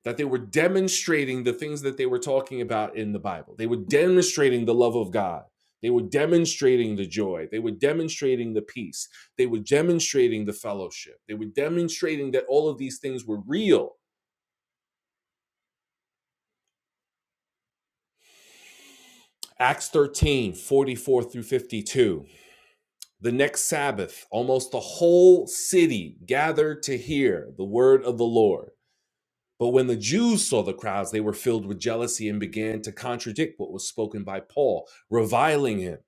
that they were demonstrating the things that they were talking about in the Bible. They were demonstrating the love of God. They were demonstrating the joy. They were demonstrating the peace. They were demonstrating the fellowship. They were demonstrating that all of these things were real. Acts 13 44 through 52. The next Sabbath, almost the whole city gathered to hear the word of the Lord. But when the Jews saw the crowds, they were filled with jealousy and began to contradict what was spoken by Paul, reviling him.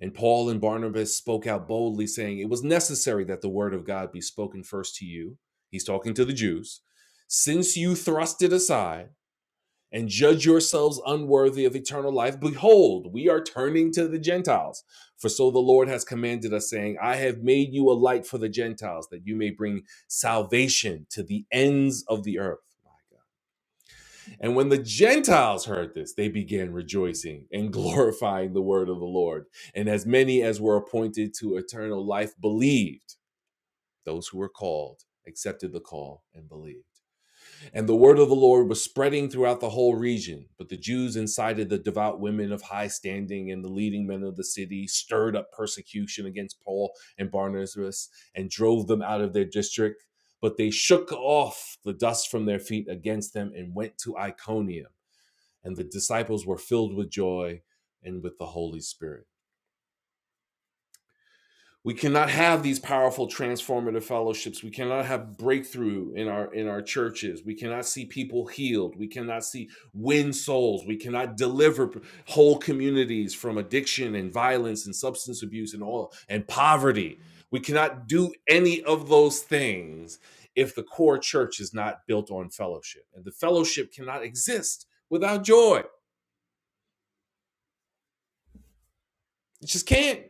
And Paul and Barnabas spoke out boldly, saying, It was necessary that the word of God be spoken first to you. He's talking to the Jews. Since you thrust it aside and judge yourselves unworthy of eternal life, behold, we are turning to the Gentiles. For so the Lord has commanded us, saying, I have made you a light for the Gentiles, that you may bring salvation to the ends of the earth My and when the Gentiles heard this, they began rejoicing and glorifying the word of the Lord. And as many as were appointed to eternal life believed, those who were called accepted the call and believed. And the word of the Lord was spreading throughout the whole region. But the Jews incited the devout women of high standing and the leading men of the city, stirred up persecution against Paul and Barnabas, and drove them out of their district. But they shook off the dust from their feet against them and went to Iconium and the disciples were filled with joy and with the Holy Spirit. We cannot have these powerful transformative fellowships. We cannot have breakthrough in our in our churches. We cannot see people healed. We cannot see win souls. We cannot deliver whole communities from addiction and violence and substance abuse and all and poverty. We cannot do any of those things if the core church is not built on fellowship. And the fellowship cannot exist without joy. It just can't.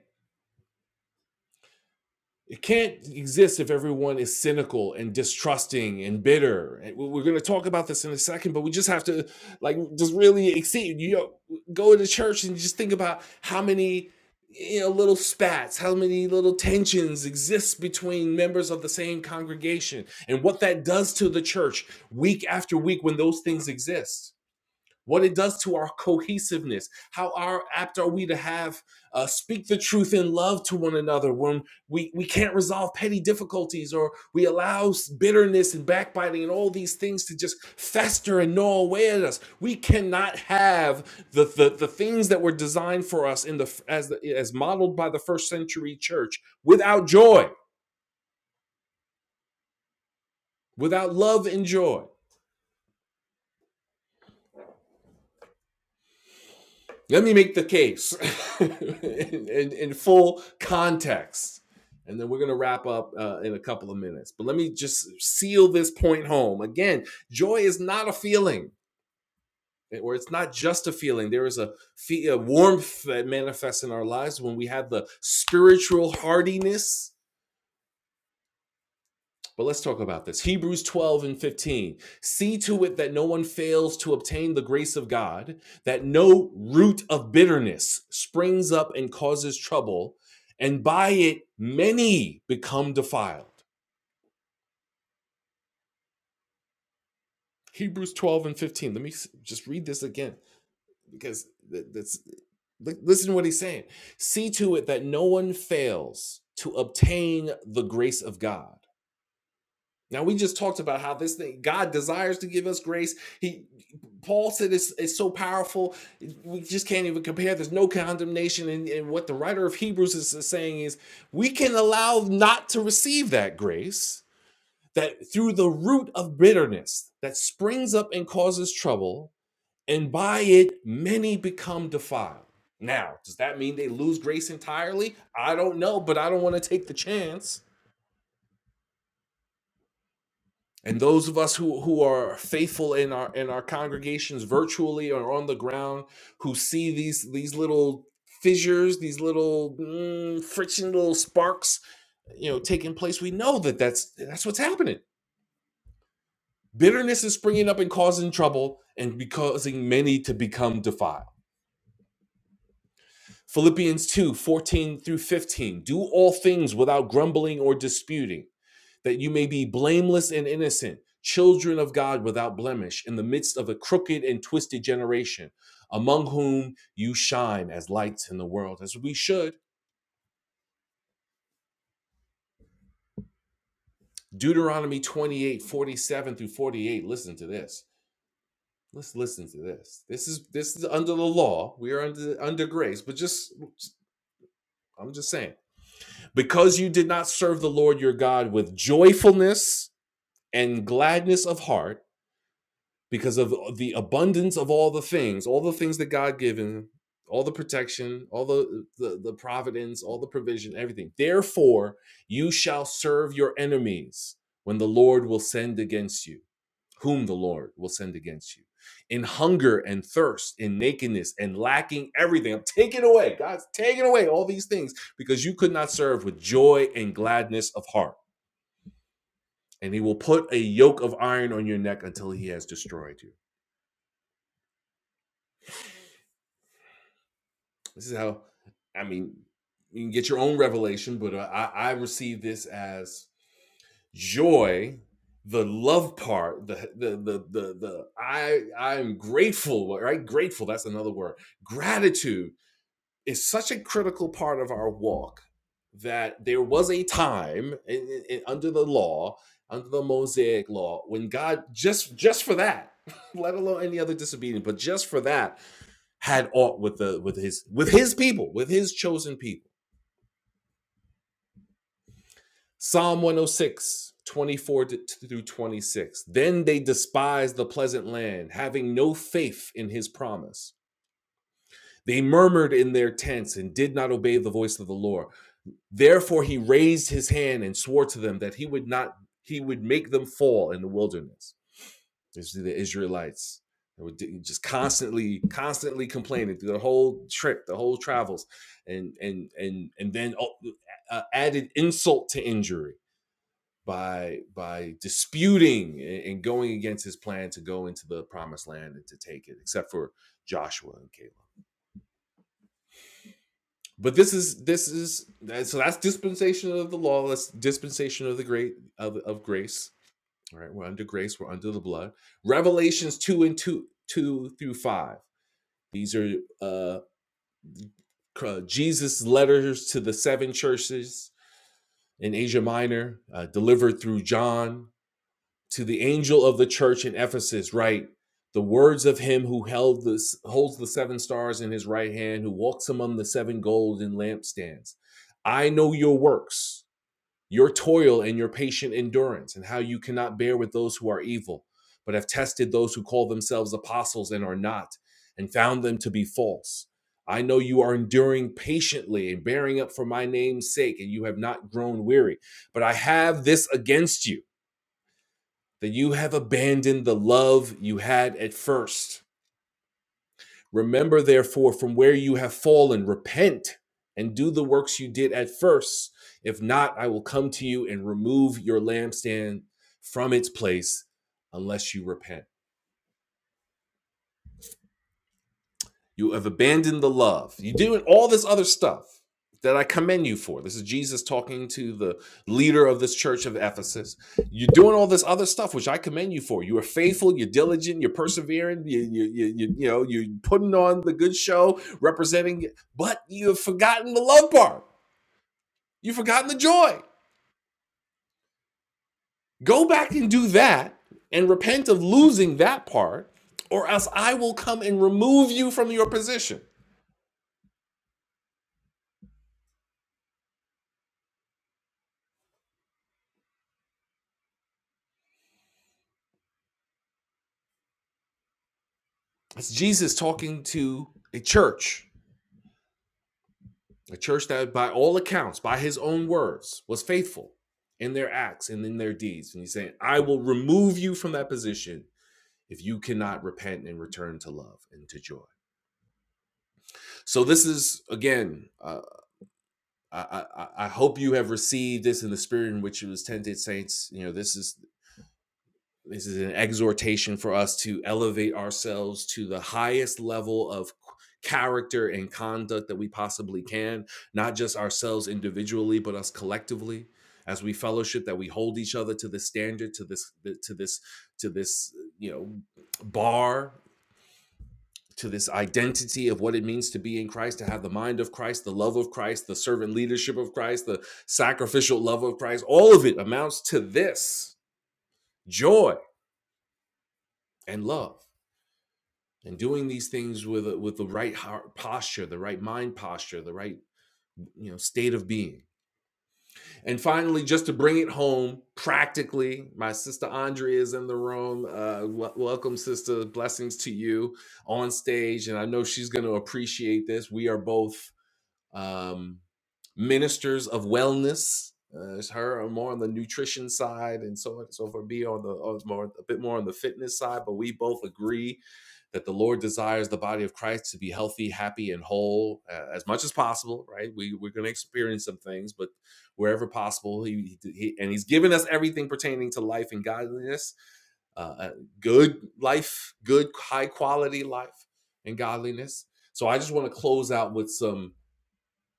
It can't exist if everyone is cynical and distrusting and bitter. we- We're going to talk about this in a second, but we just have to like just really exceed. You know, go to church and just think about how many you know little spats, how many little tensions exist between members of the same congregation, and what that does to the church week after week when those things exist what it does to our cohesiveness how are apt are we to have uh, speak the truth in love to one another when we, we can't resolve petty difficulties or we allow bitterness and backbiting and all these things to just fester and gnaw away at us we cannot have the, the, the things that were designed for us in the as the, as modeled by the first century church without joy without love and joy Let me make the case in, in, in full context. And then we're going to wrap up uh, in a couple of minutes. But let me just seal this point home. Again, joy is not a feeling, eh, or it's not just a feeling. There is a, fe- a warmth that manifests in our lives when we have the spiritual hardiness But let's talk about this. Hebrews 12 and 15. See to it that no one fails to obtain the grace of God, that no root of bitterness springs up and causes trouble, and by it many become defiled. Hebrews 12 and 15. Let me just read this again because that's listen to what he's saying. See to it that no one fails to obtain the grace of God Now we just talked about how this thing God desires to give us grace. He Paul said it's, it's so powerful, we just can't even compare. There's no condemnation. And, and what the writer of Hebrews is saying is we can allow not to receive that grace that through the root of bitterness that springs up and causes trouble, and by it many become defiled. Now, does that mean they lose grace entirely? I don't know, but I don't want to take the chance. And those of us who, who are faithful in our in our congregations virtually or on the ground, who see these these little fissures, these little mm, friction, little sparks, you know, taking place, we know that that's that's what's happening. Bitterness is springing up and causing trouble and be causing many to become defiled. Philippians 2 14 through 15. Do all things without grumbling or disputing that you may be blameless and innocent, children of God without blemish, in the midst of a crooked and twisted generation, among whom you shine as lights in the world, as we should. Deuteronomy 28 47 through 48. Listen to this. Let's listen to this. This is this is under the law. We are under under grace, but just I'm just saying. Because you did not serve the Lord your God with joyfulness and gladness of heart because of uh, the abundance of all the things, all the things that God given, all the protection, all the, the the providence, all the provision, everything. Therefore, you shall serve your enemies when the Lord will send against you, whom the Lord will send against you. In hunger and thirst, in nakedness and lacking everything. I'm taking away. God's taking away all these things because you could not serve with joy and gladness of heart. And he will put a yoke of iron on your neck until he has destroyed you. This is how, I mean, you can get your own revelation, but uh, I, I receive this as joy, the love part, the the the the, the I I'm grateful, right? Grateful. That's another word. Gratitude is such a critical part of our walk that there was a time in, in- in- under the law, under the Mosaic law, when God just just for that, let alone any other disobedience, but just for that had aught with the with his with his people, with his chosen people. Psalm 106 24 through 26. Then they despised the pleasant land, having no faith in his promise. They murmured in their tents and did not obey the voice of the Lord. Therefore he raised his hand and swore to them that he would not he would make them fall in the wilderness. It's the Israelites they were just constantly, constantly complaining through the whole trip, the whole travels, and and and and then oh, uh, added insult to injury by by disputing and going against his plan to go into the promised land and to take it, except for Joshua and Caleb. But this is this is so that's dispensation of the law. That's dispensation of the great of, of grace. All right, we're under grace. We're under the blood. Revelations two and two two through five These are uh, Jesus' letters to the seven churches in Asia Minor, uh, delivered through John. To the angel of the church in Ephesus, write the words of him who held this, holds the seven stars in his right hand, who walks among the seven golden lampstands. I know your works your toil and your patient endurance, and how you cannot bear with those who are evil, but have tested those who call themselves apostles and are not, and found them to be false. I know you are enduring patiently and bearing up for my name's sake, and you have not grown weary. But I have this against you that you have abandoned the love you had at first. Remember, therefore, from where you have fallen, repent and do the works you did at first. If not, I will come to you and remove your lampstand from its place unless you repent. You have abandoned the love. You're doing all this other stuff that I commend you for. This is Jesus talking to the leader of this church of Ephesus. You're doing all this other stuff, which I commend you for. You are faithful, you're diligent, you're persevering, you, you, you, you, you know, you're putting on the good show, representing, but you have forgotten the love part. You've forgotten the joy. Go back and do that and repent of losing that part, or else I will come and remove you from your position. It's Jesus talking to a church, a church that, by all accounts, by his own words, was faithful in their acts and in their deeds. And he's saying, I will remove you from that position if you cannot repent and return to love and to joy. So, this is again, uh, I, I, I hope you have received this in the spirit in which it was tented, saints. You know, this is This is an exhortation for us to elevate ourselves to the highest level of character and conduct that we possibly can, not just ourselves individually, but us collectively as we fellowship that we hold each other to this standard to this to this to this you know bar to this identity of what it means to be in Christ, to have the mind of Christ, the love of Christ, the servant leadership of Christ, the sacrificial love of Christ, all of it amounts to this joy and love. and doing these things with with the right heart posture the right mind posture the right you know state of being and finally just to bring it home practically my sister andrea is in the room uh, wel- welcome sister blessings to you on stage and i know she's going to appreciate this we are both um, ministers of wellness. Uh, is her more on the nutrition side and so on and so forth. Be on the oh, it's more a bit more on the fitness side, but we both agree that the Lord desires the body of Christ to be healthy, happy, and whole uh, as much as possible. Right? We we're going to experience some things, but wherever possible, he, he and He's given us everything pertaining to life and godliness uh, uh, good life, good high quality life and godliness. So I just want to close out with some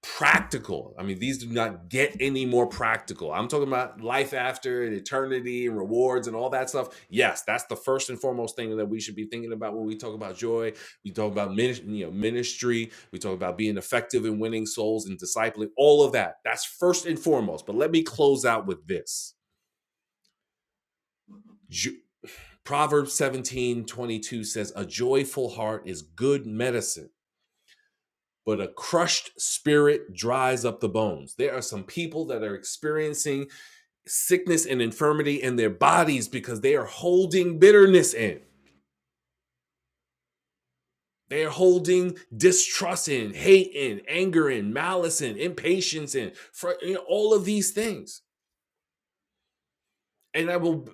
practical. I mean, these do not get any more practical. I'm talking about life after and eternity and rewards and all that stuff. Yes, that's the first and foremost thing that we should be thinking about when we talk about joy. We talk about minis- you know, ministry. We talk about being effective in winning souls and discipling. All of that. That's first and foremost. But let me close out with this. Ju- Proverbs 17:22 says, A joyful heart is good medicine but a crushed spirit dries up the bones. There are some people that are experiencing sickness and infirmity in their bodies because they are holding bitterness in. They are holding distrust in, hate in, anger in, malice in, impatience in, fr- you know, all of these things. and I will.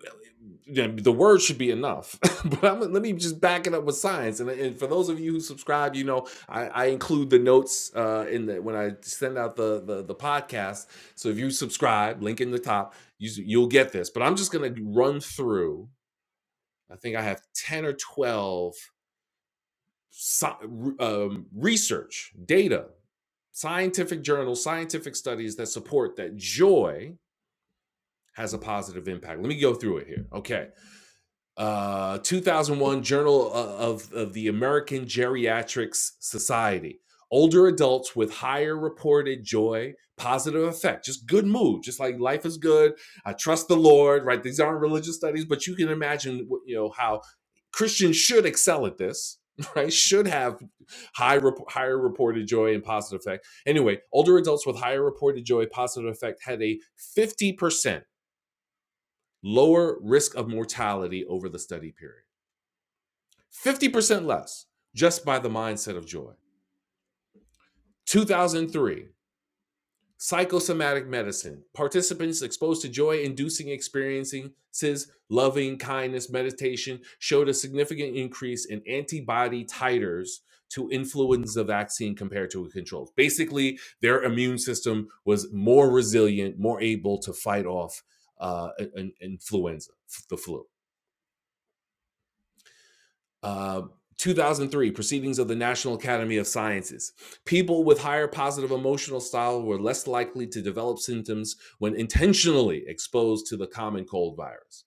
yeah, The word should be enough, but I'm, let me just back it up with science. And, and for those of you who subscribe, you know I, I include the notes uh, in the when I send out the, the the podcast. So if you subscribe, link in the top, you, you'll get this. But I'm just gonna run through. I think I have ten or twelve sci- um, research data, scientific journals, scientific studies that support that joy has a positive impact. Let me go through it here. Okay. uh, 2001 Journal of, of the American Geriatrics Society. Older adults with higher reported joy, positive effect, just good mood, just like life is good. I trust the Lord, right? These aren't religious studies, but you can imagine, you know, how Christians should excel at this, right? Should have high rep- higher reported joy and positive effect. Anyway, older adults with higher reported joy, positive effect had a 50% lower risk of mortality over the study period. 50% less just by the mindset of joy. 2003, psychosomatic medicine. Participants exposed to joy inducing experiences, loving kindness, meditation showed a significant increase in antibody titers to influenza vaccine compared to controls. Basically, their immune system was more resilient, more able to fight off uh, an- an influenza, the flu. Uh, 2003 proceedings of the national academy of sciences people with higher positive emotional style were less likely to develop symptoms when intentionally exposed to the common cold virus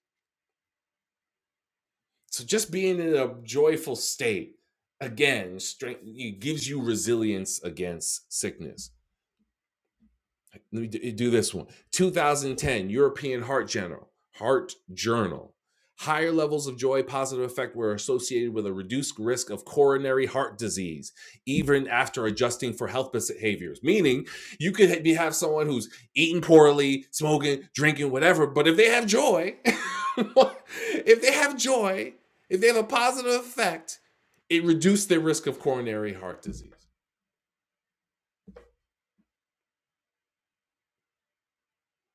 so just being in a joyful state again strength it gives you resilience against sickness Let me do this one. 2010 European Heart Journal. Heart Journal. Higher levels of joy positive effect were associated with a reduced risk of coronary heart disease, even after adjusting for health behaviors. Meaning, you could have someone who's eating poorly, smoking, drinking, whatever, but if they have joy, if they have joy, if they have a positive effect, it reduced their risk of coronary heart disease.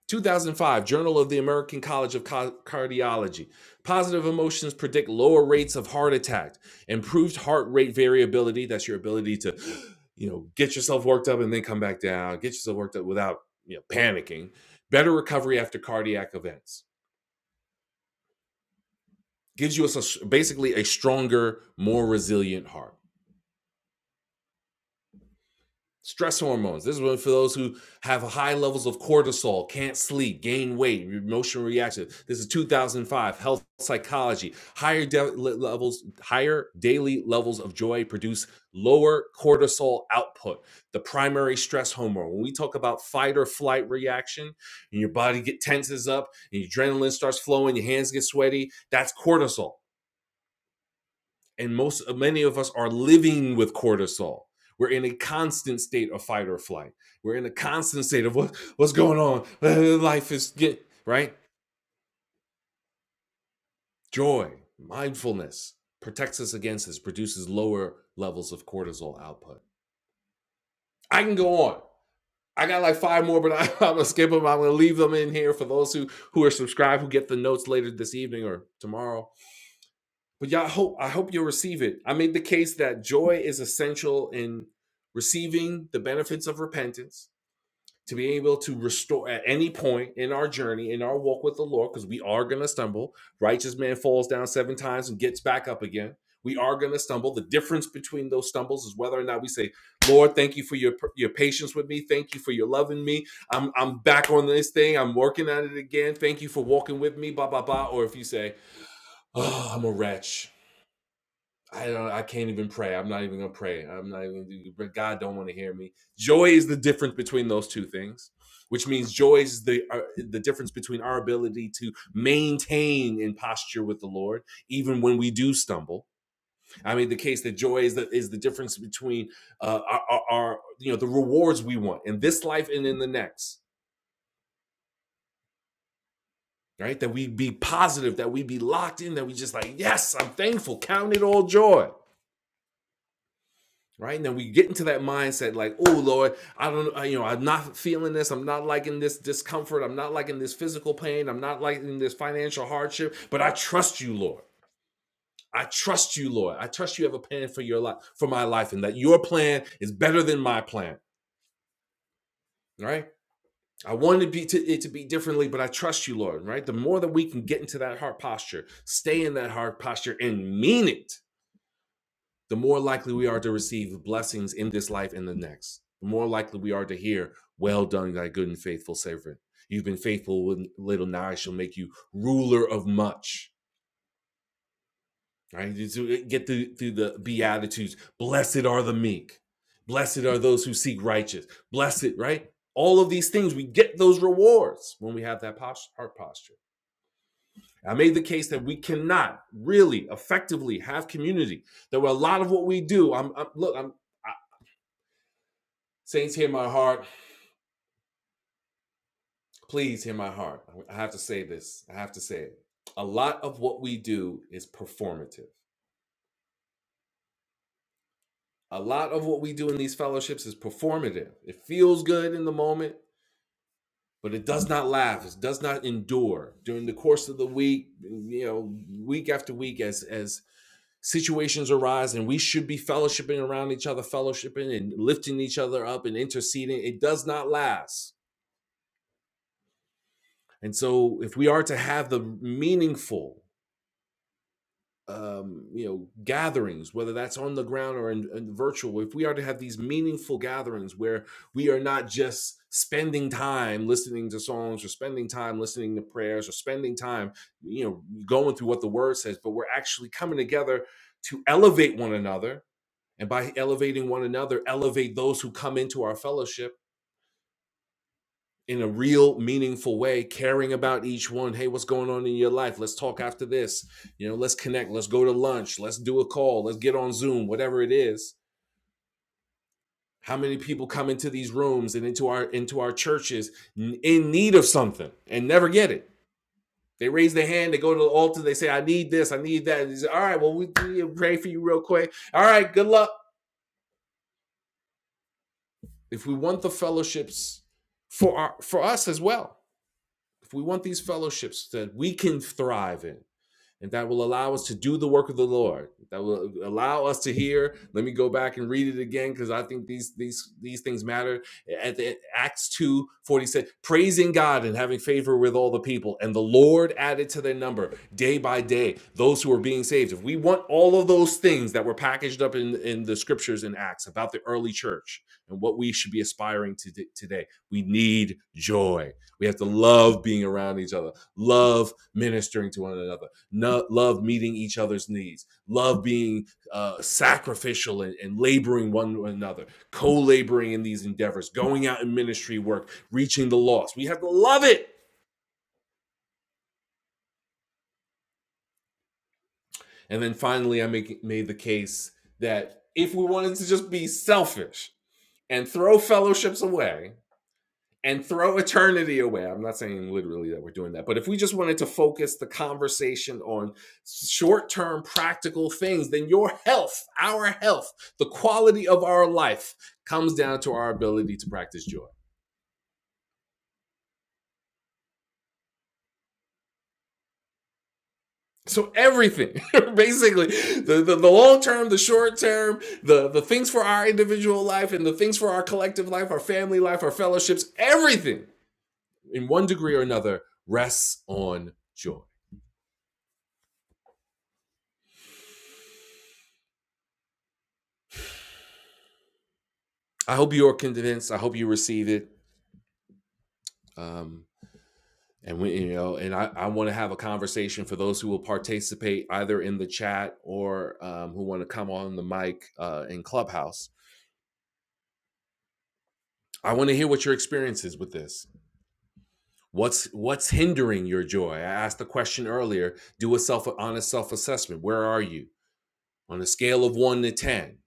2005 Journal of the American College of Cardiology. Positive emotions predict lower rates of heart attack, improved heart rate variability. That's your ability to, you know, get yourself worked up and then come back down. Get yourself worked up without you know panicking. Better recovery after cardiac events gives you a basically a stronger, more resilient heart. Stress hormones. This is one for those who have high levels of cortisol, can't sleep, gain weight, emotional reaction. This is 2005 health psychology. Higher de- levels, higher daily levels of joy produce lower cortisol output, the primary stress hormone. When we talk about fight or flight reaction, and your body get tenses up, and your adrenaline starts flowing, your hands get sweaty, that's cortisol and most many of us are living with cortisol we're in a constant state of fight or flight we're in a constant state of what what's going on life is get right joy mindfulness protects us against this produces lower levels of cortisol output i can go on i got like five more but I, i'm gonna skip them i'm gonna leave them in here for those who who are subscribed who get the notes later this evening or tomorrow But y'all hope I hope you'll receive it. I made the case that joy is essential in receiving the benefits of repentance, to be able to restore at any point in our journey, in our walk with the Lord, because we are gonna stumble. Righteous man falls down seven times and gets back up again. We are gonna stumble. The difference between those stumbles is whether or not we say, Lord, thank you for your your patience with me. Thank you for your loving me. I'm I'm back on this thing. I'm working at it again. Thank you for walking with me, blah blah blah. Or if you say, Oh, I'm a wretch. I don't. I can't even pray. I'm not even gonna pray. I'm not even. gonna do- But God don't want to hear me. Joy is the difference between those two things, which means joy is the uh, the difference between our ability to maintain in posture with the Lord, even when we do stumble. I mean, the case that joy is the is the difference between uh, our, our, our you know the rewards we want in this life and in the next. Right, that we be positive, that we be locked in, that we just like, yes, I'm thankful. Count it all joy right? And then we get into that mindset like, oh Lord, I don't, you know, I'm not feeling this. I'm not liking this discomfort. I'm not liking this physical pain. I'm not liking this financial hardship. But I trust you, Lord. I trust you, Lord. I trust you have a plan for your life, for my life, and that your plan is better than my plan, right? I wanted it to be to, it to be differently, but I trust you, Lord, right? The more that we can get into that heart posture, stay in that heart posture and mean it, the more likely we are to receive blessings in this life and the next. The more likely we are to hear, Well done, thy good and faithful servant. You've been faithful with little, now I shall make you ruler of much. Right? Get through, through the Beatitudes. Blessed are the meek. Blessed are those who seek righteous. Blessed, right? All of these things, we get those rewards when we have that posture, heart posture. I made the case that we cannot really effectively have community. There were a lot of what we do, I'm, I'm look, I'm Saints, hear my heart. Please hear my heart. I have to say this. I have to say it. A lot of what we do is performative. A lot of what we do in these fellowships is performative. It feels good in the moment, but it does not last. It does not endure during the course of the week, you know, week after week as as situations arise and we should be fellowshipping around each other, fellowshipping and lifting each other up and interceding. It does not last. And so if we are to have the meaningful um, you know gatherings whether that's on the ground or in, in virtual if we are to have these meaningful gatherings where we are not just spending time listening to songs or spending time listening to prayers or spending time you know going through what the word says but we're actually coming together to elevate one another and by elevating one another elevate those who come into our fellowship in a real meaningful way caring about each one hey what's going on in your life let's talk after this you know let's connect let's go to lunch let's do a call let's get on zoom whatever it is how many people come into these rooms and into our into our churches in need of something and never get it they raise their hand they go to the altar they say i need this i need that and they say, all right well we pray for you real quick all right good luck if we want the fellowships for our for us as well if we want these fellowships that we can thrive in and that will allow us to do the work of the Lord. That will allow us to hear. Let me go back and read it again because I think these these these things matter. At the, Acts two forty six, praising God and having favor with all the people, and the Lord added to their number day by day those who were being saved. If we want all of those things that were packaged up in in the scriptures in Acts about the early church and what we should be aspiring to d- today, we need joy. We have to love being around each other, love ministering to one another no, love meeting each other's needs, love being uh, sacrificial and, and laboring one another, co laboring in these endeavors, going out in ministry work, reaching the lost. We have to love it. And then finally, I make, made the case that if we wanted to just be selfish and throw fellowships away, and throw eternity away. I'm not saying literally that we're doing that, but if we just wanted to focus the conversation on short term practical things, then your health, our health, the quality of our life comes down to our ability to practice joy. So everything, basically, the, the, the long term, the short term, the, the things for our individual life and the things for our collective life, our family life, our fellowships, everything in one degree or another rests on joy. I hope you are convinced. I hope you receive it. um, and we you know and i, I want to have a conversation for those who will participate either in the chat or um, who want to come on the mic uh, in clubhouse i want to hear what your experience is with this what's what's hindering your joy i asked the question earlier do a self honest self-assessment where are you on a scale of 1 to 10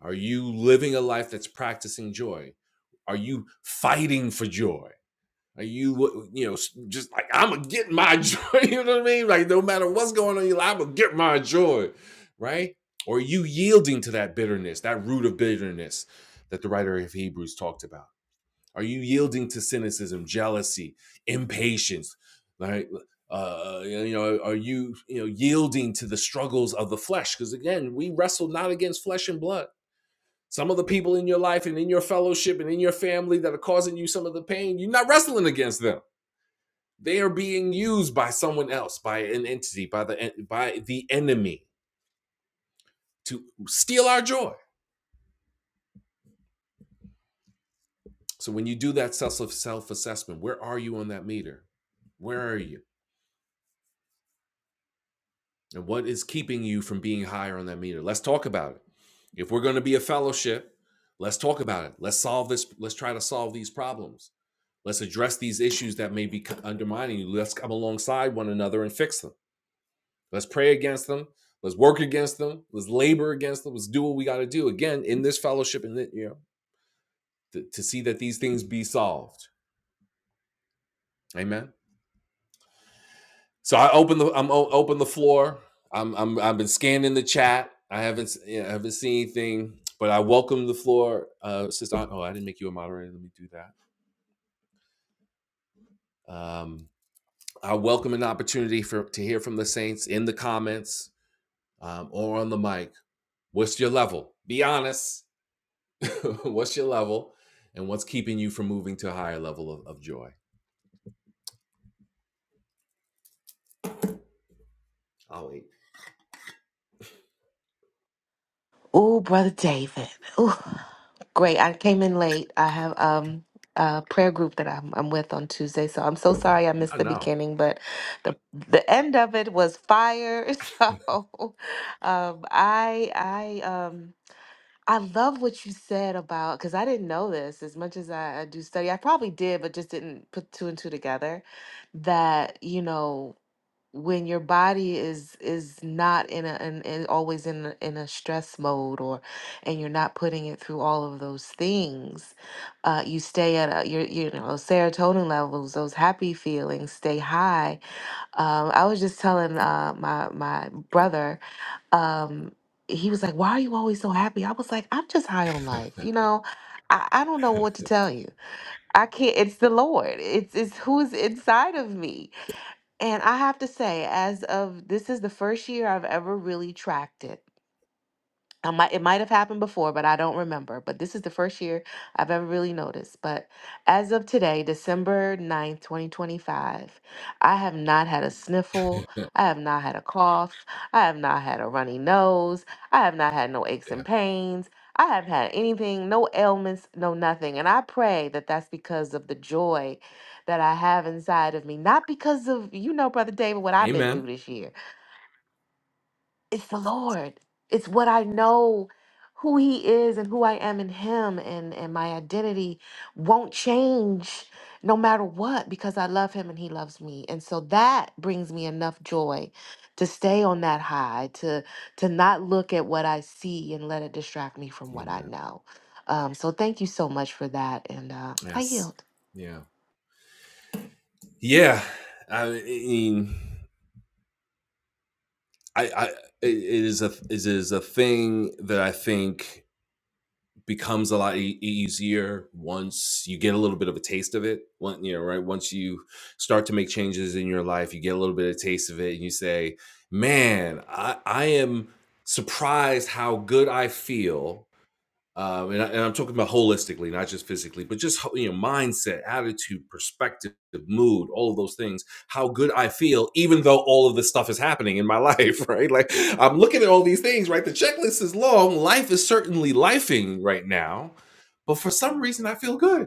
are you living a life that's practicing joy are you fighting for joy Are you, you know, just like I'm gonna get my joy. You know what I mean? Like no matter what's going on in your life, I'm gonna get my joy, right? Or are you yielding to that bitterness, that root of bitterness that the writer of Hebrews talked about? Are you yielding to cynicism, jealousy, impatience, right? Uh, you know, are you you know yielding to the struggles of the flesh? Because again, we wrestle not against flesh and blood. Some of the people in your life and in your fellowship and in your family that are causing you some of the pain, you're not wrestling against them they are being used by someone else, by an entity, by the by the enemy to steal our joy. So when you do that self self assessment, where are you on that meter? Where are you? And what is keeping you from being higher on that meter? Let's talk about it. If we're going to be a fellowship, let's talk about it. Let's solve this. Let's try to solve these problems. Let's address these issues that may be undermining you. Let's come alongside one another and fix them. Let's pray against them. Let's work against them. Let's labor against them. Let's do what we got to do again in this fellowship and you know to, to see that these things be solved. Amen. So I open the I'm open the floor. I'm I'm I've been scanning the chat. I haven't you know, I haven't seen anything, but I welcome the floor, uh, sister. Oh, I didn't make you a moderator. Let me do that. Um, I welcome an opportunity for to hear from the saints in the comments um, or on the mic. What's your level? Be honest. what's your level and what's keeping you from moving to a higher level of, of joy? Oh, wait.
Oh, brother David. Oh, great. I came in late. I have um a prayer group that I'm I'm with on Tuesday, so I'm so sorry I missed
I
the
know.
beginning, but the the end of it was fire. So, um I I um I love what you said about because I didn't know this as much as I, I do study. I probably did, but just didn't put two and two together. That you know when your body is is not in a and always in a, in a stress mode or and you're not putting it through all of those things uh you stay at a, your you know serotonin levels those happy feelings stay high um i was just telling uh my my brother um he was like why are you always so happy i was like i'm just high on life you know i, I don't know what to tell you i can't it's the lord it's it's who's inside of me and I have to say, as of this is the first year I've ever really tracked it. I might it might have happened before, but I don't remember. But this is the first year I've ever really noticed. But as of today, December ninth, 2025, I have not had a sniffle. I have not had a cough. I have not had a runny nose. I have not had no aches and
yeah.
pains. I haven't had anything, no ailments, no nothing. And I pray that that's because of the joy that I have inside of me, not because of, you know, Brother David, what I've been
Amen.
through this year it's the Lord. It's what I know who he is and who I am in him and and my identity won't change no matter what because I love him and he loves me. And so that brings me enough joy to stay on that high to to not look at what I see and let it distract me from what I
Amen.
know. Um so thank you so much for that and uh I
Yes.
yield.
Yeah. Yeah. I mean, I, I, it is a, it is a thing that I think becomes a lot e- easier once you get a little bit of a taste of it. One, you know, right? Once you start to make changes in your life, you get a little bit of taste of it, and you say, "Man, I, I am surprised how good I feel um, and, I, and I'm talking about holistically, not just physically, but just you know, mindset, attitude, perspective, mood, all of those things. How good I feel, even though all of this stuff is happening in my life, right? Like I'm looking at all these things, right? The checklist is long. Life is certainly lifing right now, but for some reason, I feel good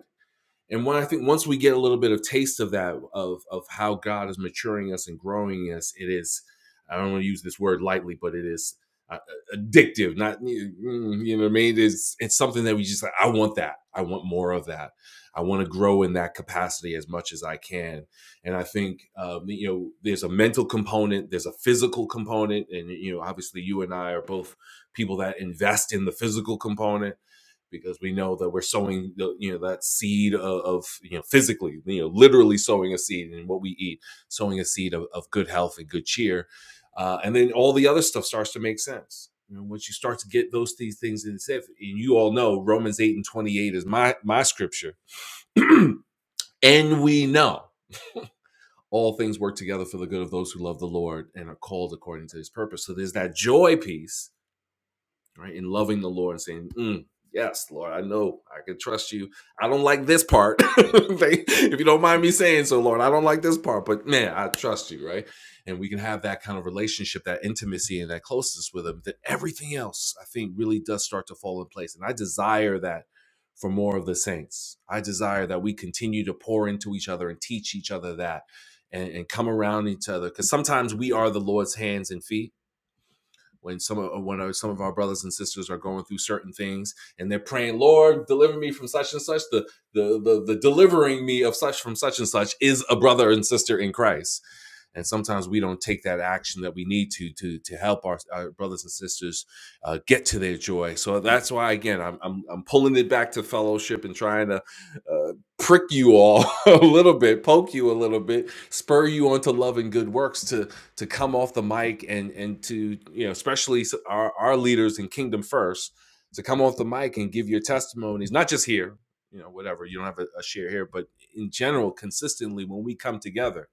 and when I think once we get a little bit of taste of that of of how God is maturing us and growing us, it is I don't want to use this word lightly, but it is uh, uh, addictive. Not mm, you know what I mean. It's it's something that we just like, I want that. I want more of that. I want to grow in that capacity as much as I can. And I think um, you know there's a mental component, there's a physical component, and you know obviously you and I are both people that invest in the physical component because we know that we're sowing the, you know that seed of, of you know physically you know literally sowing a seed in what we eat sowing a seed of, of good health and good cheer uh, and then all the other stuff starts to make sense you know, once you start to get those these things in itself and you all know romans 8 and 28 is my my scripture and we know all things work together for the good of those who love the lord and are called according to his purpose so there's that joy piece right? And loving the Lord and saying, "Mm, yes, Lord, I know I can trust you. I don't like this part. if you don't mind me saying so, Lord, I don't like this part, but man, I trust you, right? And we can have that kind of relationship, that intimacy, and that closeness with Him. That everything else, I think, really does start to fall in place. And I desire that for more of the saints. I desire that we continue to pour into each other and teach each other that. And, and come around each other because sometimes we are the Lord's hands and feet, when some of when our- some of our brothers and sisters are going through certain things and they're praying, Lord, deliver me from such and such. The the the, the delivering me of such from such and such is a brother and sister in Christ. And sometimes we don't take that action that we need to to to help our, our brothers and sisters uh, get to their joy. So that's why again I'm, I'm I'm pulling it back to fellowship and trying to uh, prick you all a little bit, poke you a little bit, spur you onto love and good works to to come off the mic and and to you know especially our, our leaders in kingdom first to come off the mic and give your testimonies not just here you know whatever you don't have a, a share here but in general consistently when we come together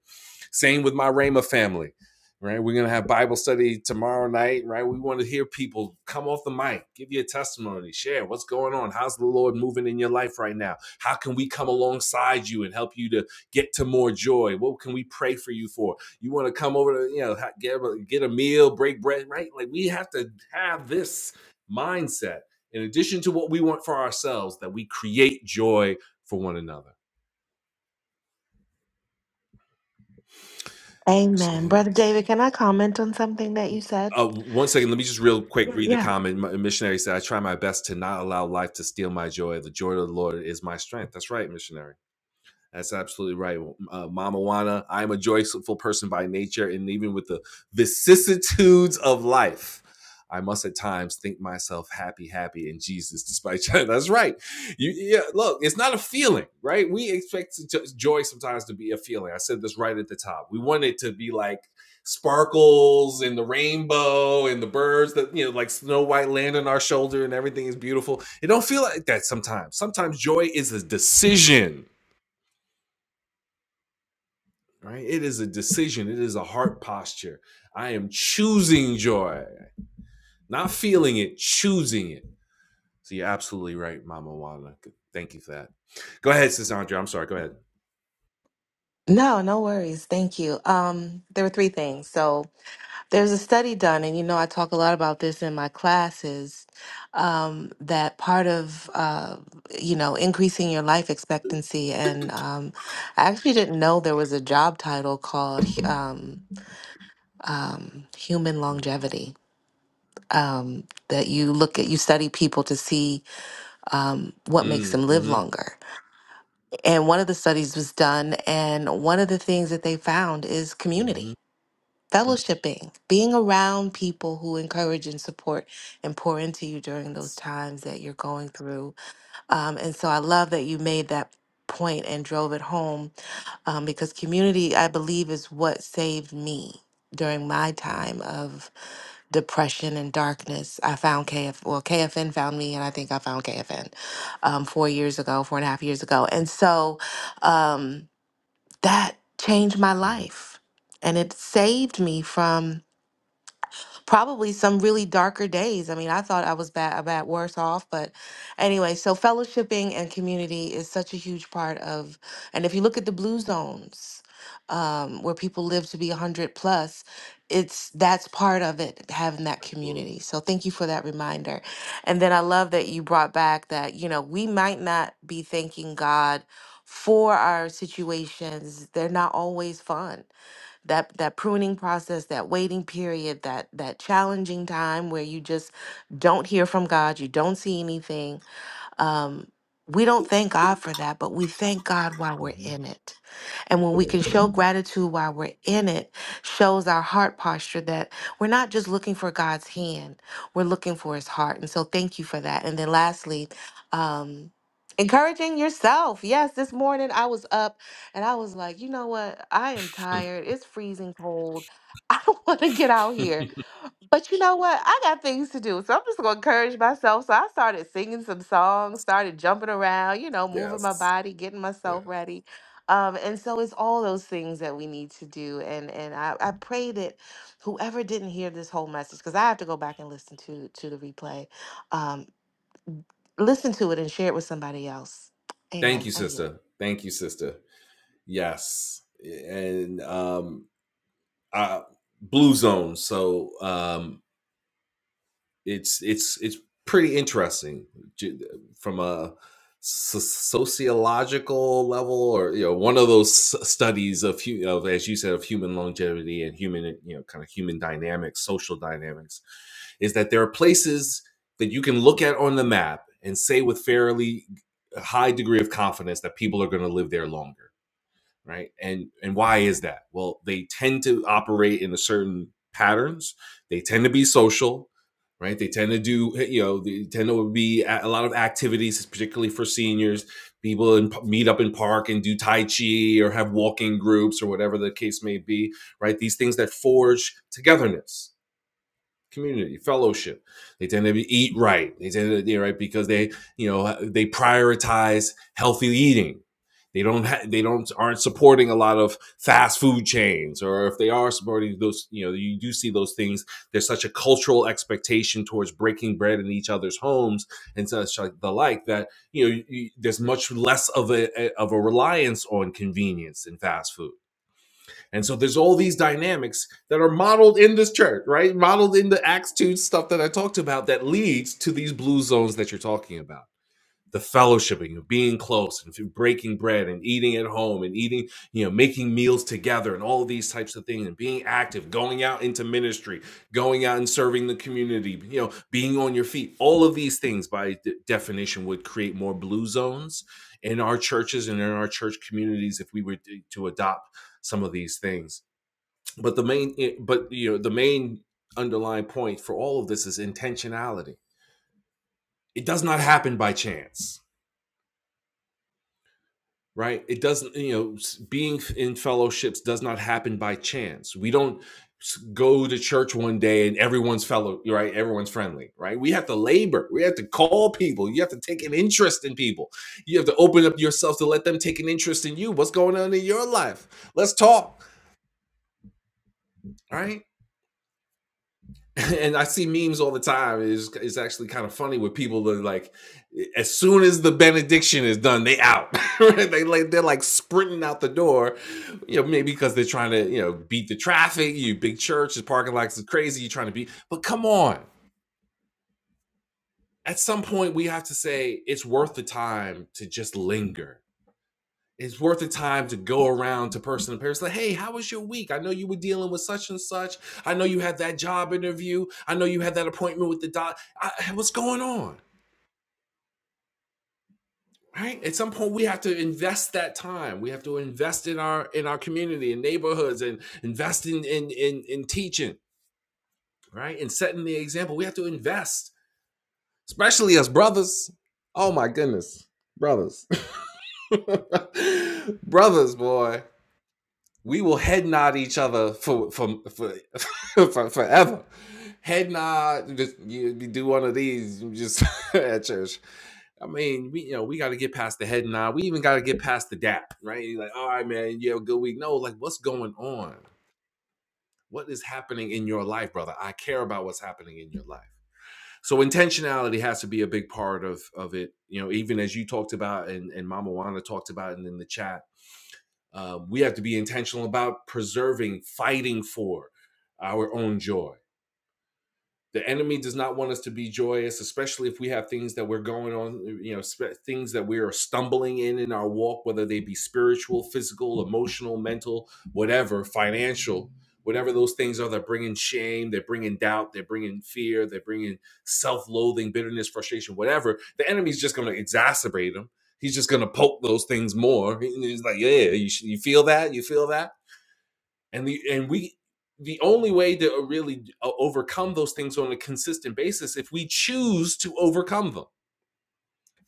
same with my Rhema family right we're going to have bible study tomorrow night right we want to hear people come off the mic give your testimony share what's going on how's the lord moving in your life right now how can we come alongside you and help you to get to more joy what can we pray for you for you want to come over to you know get a, get a meal break bread right like we have to have this mindset in addition to what we want for ourselves that we create joy for one another
Amen. Brother David, can I comment on something that you said?
uh, one second let me just real quick read the
Yeah.
comment My missionary said i try my best to not allow life to steal my joy the joy of the lord is my strength that's right missionary That's absolutely right. Uh, Mama Wana, I'm a joyful person by nature, and even with the vicissitudes of life, I must at times think myself happy, happy in Jesus, despite That's right. You, yeah, look, it's not a feeling, right? We expect to, joy sometimes to be a feeling. I said this right at the top. We want it to be like sparkles and the rainbow and the birds that you know like snow white land on our shoulder and everything is beautiful it don't feel like that sometimes sometimes joy is a decision right? It is a decision, it is a heart posture. I am choosing joy, not feeling it, choosing it. So you're absolutely right, Mama Wanda. Thank you for that. Go ahead, Sis Andrea. I'm sorry. Go ahead.
No, no worries. Thank you. Um, there were three things. So there's a study done, and you know I talk a lot about this in my classes. Um, that part of uh, you know increasing your life expectancy, and um, I actually didn't know there was a job title called um, um, human
Mm,
longevity. Um, that you look at, you study people to see um, what makes
mm,
them live
mm-hmm,
longer. And one of the studies was done, and one of the things that they found is community
mm-hmm, mm,
fellowshipping, being around people who encourage and support and pour into you during those
yes.
times that you're going through. Um, and so I love that you made that point and drove it home um, because community, I believe, is what saved me during my
Mm,
time of depression and darkness. I found KF, well, KFN found me, and I think I found KFN um, four years ago, four and a half years ago. And so um, that changed my
mm-hmm,
life and it saved me from probably some really darker days. I mean, I thought I was bad, a bad worse off, but anyway, so fellowshipping and community is such a huge part of, and if you look at the blue zones, um, where people live to be 100 plus, it's that's part of it, having that community. So thank you for that reminder. And then I love that you brought back that, you know, we might not be thanking God for our situations. They're not always fun that that pruning process, that waiting period, that that challenging time where you just don't hear from God, you don't see anything um, we don't thank God for that, but we thank God while we're
mm,
in it. And when we can show gratitude while we're in it, shows our heart posture that we're not just looking for God's hand, we're looking for his heart. And so thank you for that. And then lastly, um, encouraging yourself. Yes, this morning I was up and I was like, you know what? I am tired. It's freezing cold. I don't want to get out
mm-hmm.
here. But you know what? I got things to do. So I'm just going to encourage myself. So I started singing some songs, started jumping around, you know, moving my
yes.
body, getting
Yeah.
myself ready. Um, and so it's all those things that we need to do. And and I, I pray that whoever didn't hear this whole message, because I have to go back and listen to to the replay, um, listen to it and share it with somebody else.
Thank
Amen.
you,
I yield.
sister. Thank you, sister. Yes. And um, I, blue zone. So um, it's it's it's pretty interesting from a so- sociological level or you know one of those studies of of as you said of human longevity and human you know kind of human dynamics social dynamics is that there are places that you can look at on the map and say with fairly high degree of confidence that people are going to live there longer right and and why is that well they tend to operate in a certain patterns they tend to be social right they tend to do eh, you know they tend to be a lot of activities particularly for seniors people in, meet up in park and do tai chi or have walking groups or whatever the case may be right these things that forge togetherness community fellowship they tend to eat right they tend to eat right because they you know they prioritize healthy eating they don't ha- they don't aren't supporting a lot of fast food chains or if they are supporting those you know you do see those things there's such a cultural expectation towards breaking bread in each other's homes and such like the like that you know you, there's much less of a, a of a reliance on convenience and fast food and so there's all these dynamics that are modeled in this church, right? Modeled in the Acts 2 stuff that I talked about that leads to these blue zones that you're talking about. The fellowshipping of being close and breaking bread and eating at home and eating, you know, making meals together and all these types of things and being active, going out into ministry, going out and serving the community, you know, being on your feet. All of these things by de- definition would create more blue zones in our churches and in our church communities if we were to adopt some of these things but the main eh, but you know the main underlying point for all of this is intentionality it does not happen by chance right it doesn't you know being in fellowships does not happen by chance we don't go to church one day and everyone's fellow right everyone's friendly right we have to labor we have to call people you have to take an interest in people you have to open up yourself to let them take an interest in you what's going on in your life let's talk right and I see memes all the time. It's, it's actually kind of funny with people that are like, as soon as the benediction is done, they out. Right? they like they're like sprinting out the door. You know, maybe because they're trying to you know beat the traffic. You big church, the parking lots is crazy. You're trying to beat, but come on. At some point, we have to say it's worth the time to just linger it's worth the time to go around to person to person. Like, hey, how was your week? I know you were dealing with such and such. I know you had that job interview. I know you had that appointment with the doc. I, what's going on? Right? At some point, we have to invest that time. We have to invest in our in our community and neighborhoods, and invest in in in, in teaching, right? And setting the example. We have to invest, especially as brothers. Oh my goodness, brothers, brothers, boy we will head nod each other for for for, for forever. Head nod, just you do one of these just at church. I mean, we you know we got to get past the head nod. We even got to get past the dap, right? You're like, all right, man, you have a good week. No, like, what's going on? What is happening in your life, brother? I care about what's happening in your life. So intentionality has to be a big part of of it. You know, even as you talked about and and Mama Wana talked about, and in the chat uh, we have to be intentional about preserving, fighting for our own joy the enemy does not want us to be joyous especially if we have things that we're going on you know sp- things that we are stumbling in in our walk whether they be spiritual physical emotional mental whatever financial whatever those things are that bring in shame they bring in doubt they bring in fear they bring in self-loathing bitterness frustration whatever the enemy's just going to exacerbate them he's just going to poke those things more He- he's like yeah you, sh- you feel that you feel that and the and we the only way to uh, really uh, overcome those things on a consistent basis if we choose to overcome them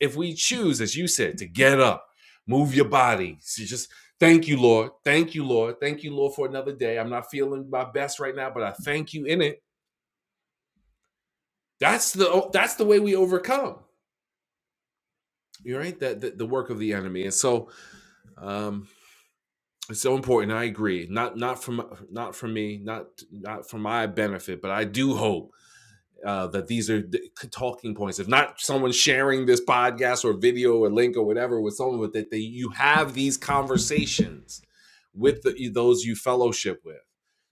if we choose as you said to get up move your body so you just thank you lord thank you lord thank you lord for another day i'm not feeling my best right now but i thank you in it that's the that's the way we overcome you're right that the, the work of the enemy and so um it's so important i agree not not from not for me not not for my benefit but i do hope uh, that these are talking points. If not someone sharing this podcast or video or link or whatever with someone, with that they, you have these conversations with the, those you fellowship with,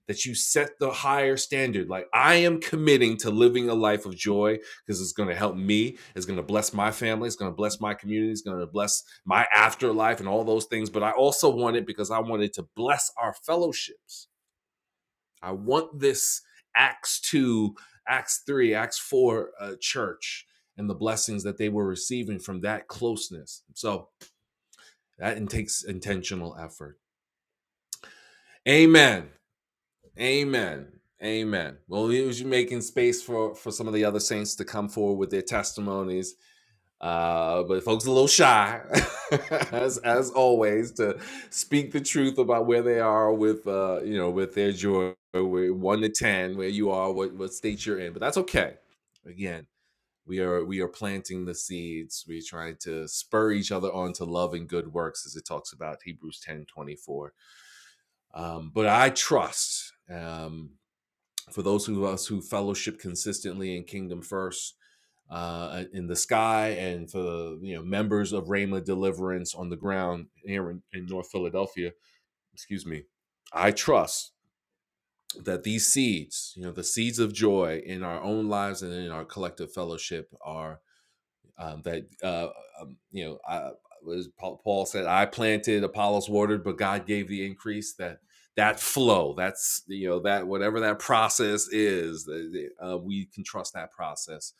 that you set the higher standard. Like I am committing to living a life of joy because it's going to help me. It's going to bless my family. It's going to bless my community. It's going to bless my afterlife and all those things. But I also want it because I want it to bless our fellowships I want this Acts 2, Acts 3, Acts 4 uh, church and the blessings that they were receiving from that closeness. So that takes intentional effort. Amen. Amen. Amen. Well, he was making space for, for some of the other saints to come forward with their testimonies. Uh, but folks are a little shy, as as always, to speak the truth about where they are with uh, you know with their joy, where- one to ten, where you are, what what state you're in. But that's okay. Again, we are we are planting the seeds. We're trying to spur each other on to love and good works, as it talks about Hebrews ten twenty four. Um, but I trust. Um, for those of us who fellowship consistently in Kingdom First uh, uh, in the sky, and for you know members of Rhema Deliverance on the ground here in, in North Philadelphia. Excuse me. I trust that these seeds, you know, the seeds of joy in our own lives and in our collective fellowship, are um, that uh, um, you know I, was Paul, said I planted, Apollos watered, but God gave the increase. That that flow, that's you know that whatever that process is, uh, we can trust that process,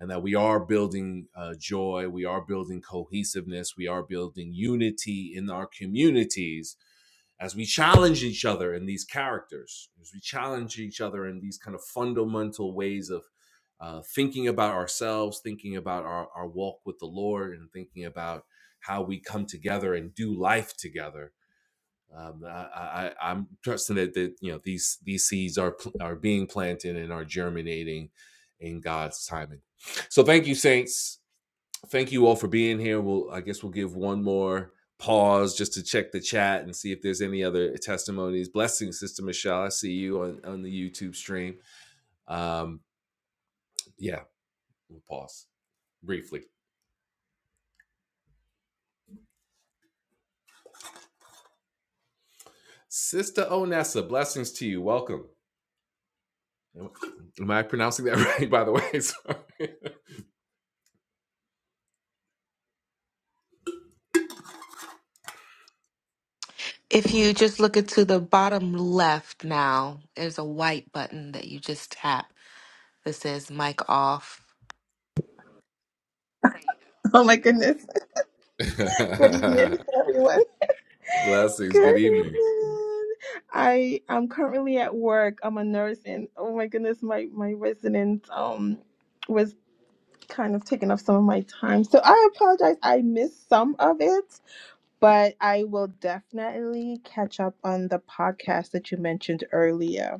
and that we are building uh, joy, we are building cohesiveness, we are building unity in our communities as we challenge each other in these characters, as we challenge each other in these kind of fundamental ways of uh, thinking about ourselves, thinking about our, our walk with the Lord, and thinking about how we come together and do life together. Um, I, I, I'm trusting that, that you know these these seeds are pl- are being planted and are germinating in God's timing. So thank you, saints. Thank you all for being here. We'll I guess we'll give one more pause just to check the chat and see if there's any other testimonies. Blessings, Sister Michelle. I see you on on the YouTube stream. Um, yeah, We'll pause briefly. Sister Onessa, blessings to you. Welcome. Am I pronouncing that right, by the way?
If you just look at to the bottom left now, there's a white button that you just tap that says mic off
Oh my goodness. Good evening,
Sorry.
everyone.
blessings.
Good
Good evening.
evening. I am currently at work. I'm a nurse, and oh my goodness, my my resident um was kind of taking up some of my time. So I apologize. I missed some of it, but I will definitely catch up on the podcast that you mentioned earlier.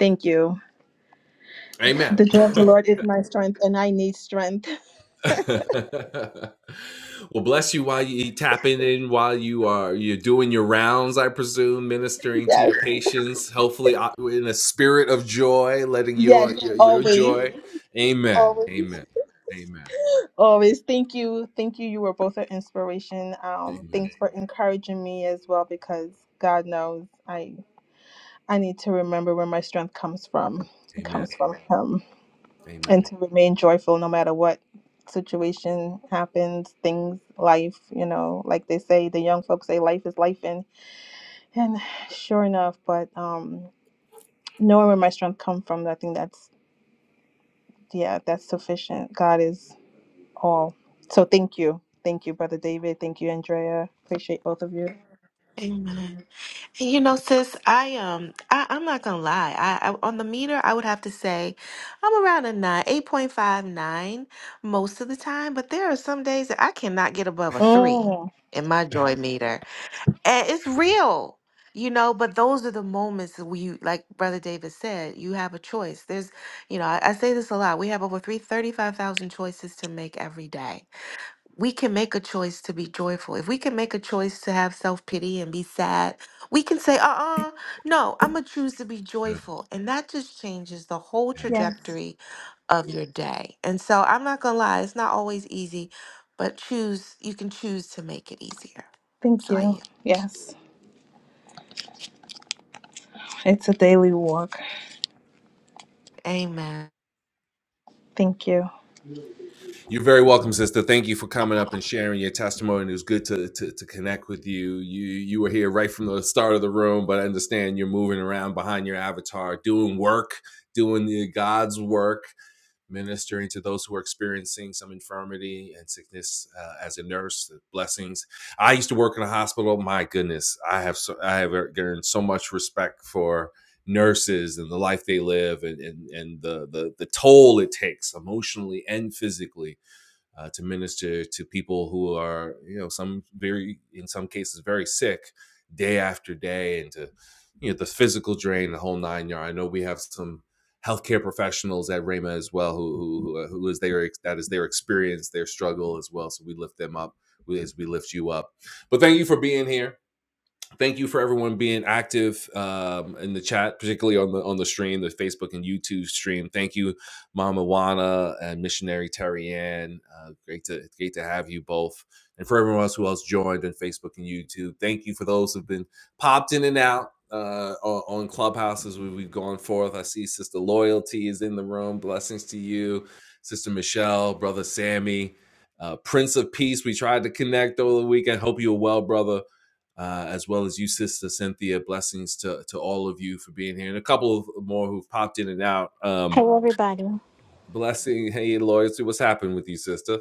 Thank you.
Amen.
The joy of the Lord is my strength, and I need strength.
well, bless you while you tapping in, while you are you're doing your rounds, I presume, ministering to
Yes.
your patients. Hopefully, uh, in a spirit of joy, letting your
Yes.
your, your
Always.
joy. Amen.
Always.
Amen. Amen.
Always. Thank you. Thank you. You were both an inspiration. Um,
Amen.
thanks for encouraging me as well because God knows I I need to remember where my strength comes from. It
Amen.
comes from him. And
Amen.
to remain joyful no matter what situation happens, things, life, you know, like they say, the young folks say life is life and and sure enough, but um knowing where my strength comes from, I think that's yeah, that's sufficient. God is all. So thank you. Thank you, Brother David. Thank you, Andrea. Appreciate both of you.
Amen.
Amen. And you know, sis, I um, I, I'm not gonna lie. I, I on the meter, I would have to say I'm around a nine, eight point five nine most of the time. But there are some days that I cannot get above a three
Oh,
in my joy meter, and it's real, you know. But those are the moments that we, like Brother David said, you have a choice. There's, you know, I, I say this a lot. We have over three thirty five thousand choices to make every day we can make a choice to be joyful. If we can make a choice to have self pity and be sad, we can say, uh uh no, I'm going to choose to be
Yeah.
joyful. And that just changes the whole
Yeah.
yeah.
trajectory of your day. And so I'm not going to lie, it's not always easy, but choose, you can choose to make it easier.
Thank
So I
you.
yield.
Yes. It's a daily walk.
Amen.
Thank you.
You're very welcome, sister. Thank you for coming up and sharing your testimony. It was good to, to to connect with you. You you were here right from the start of the room, but I understand you're moving around behind your avatar, doing work, doing the God's work. ministering to those who are experiencing some infirmity and sickness uh, as a nurse blessings i used to work in a hospital my goodness i have so i have gained so much respect for nurses and the life they live and and, and the, the the toll it takes emotionally and physically uh, to minister to people who are, you know, some very, in some cases, very sick day after day, and to, you know, the physical drain, the whole nine yard. I know we have some healthcare professionals at Rama as well, who who who is their that is their experience, their struggle as well. So we lift them up as we lift you up. But thank you for being here thank you for everyone being active um, in the chat, particularly on the on the stream, the Facebook and YouTube stream. Thank you, Mama Wana and Missionary Terry Ann. Uh, great to great to have you both, and for everyone else who else joined on Facebook and YouTube. Thank you for those who've been popped in and out uh, on, on Clubhouse as we, we've gone forth. I see Sister Loyalty is in the room. Blessings to you, Sister Michelle, Brother Sammy. Uh, Prince of Peace, we tried to connect over the weekend. Hope you're well, brother uh, as well as you, Sister Cynthia. Blessings to, to all of you for being here, and a couple of more who've popped in and out.
Hey
Um,
everybody.
blessing, hey, loyalty. What's happened with you, Sister?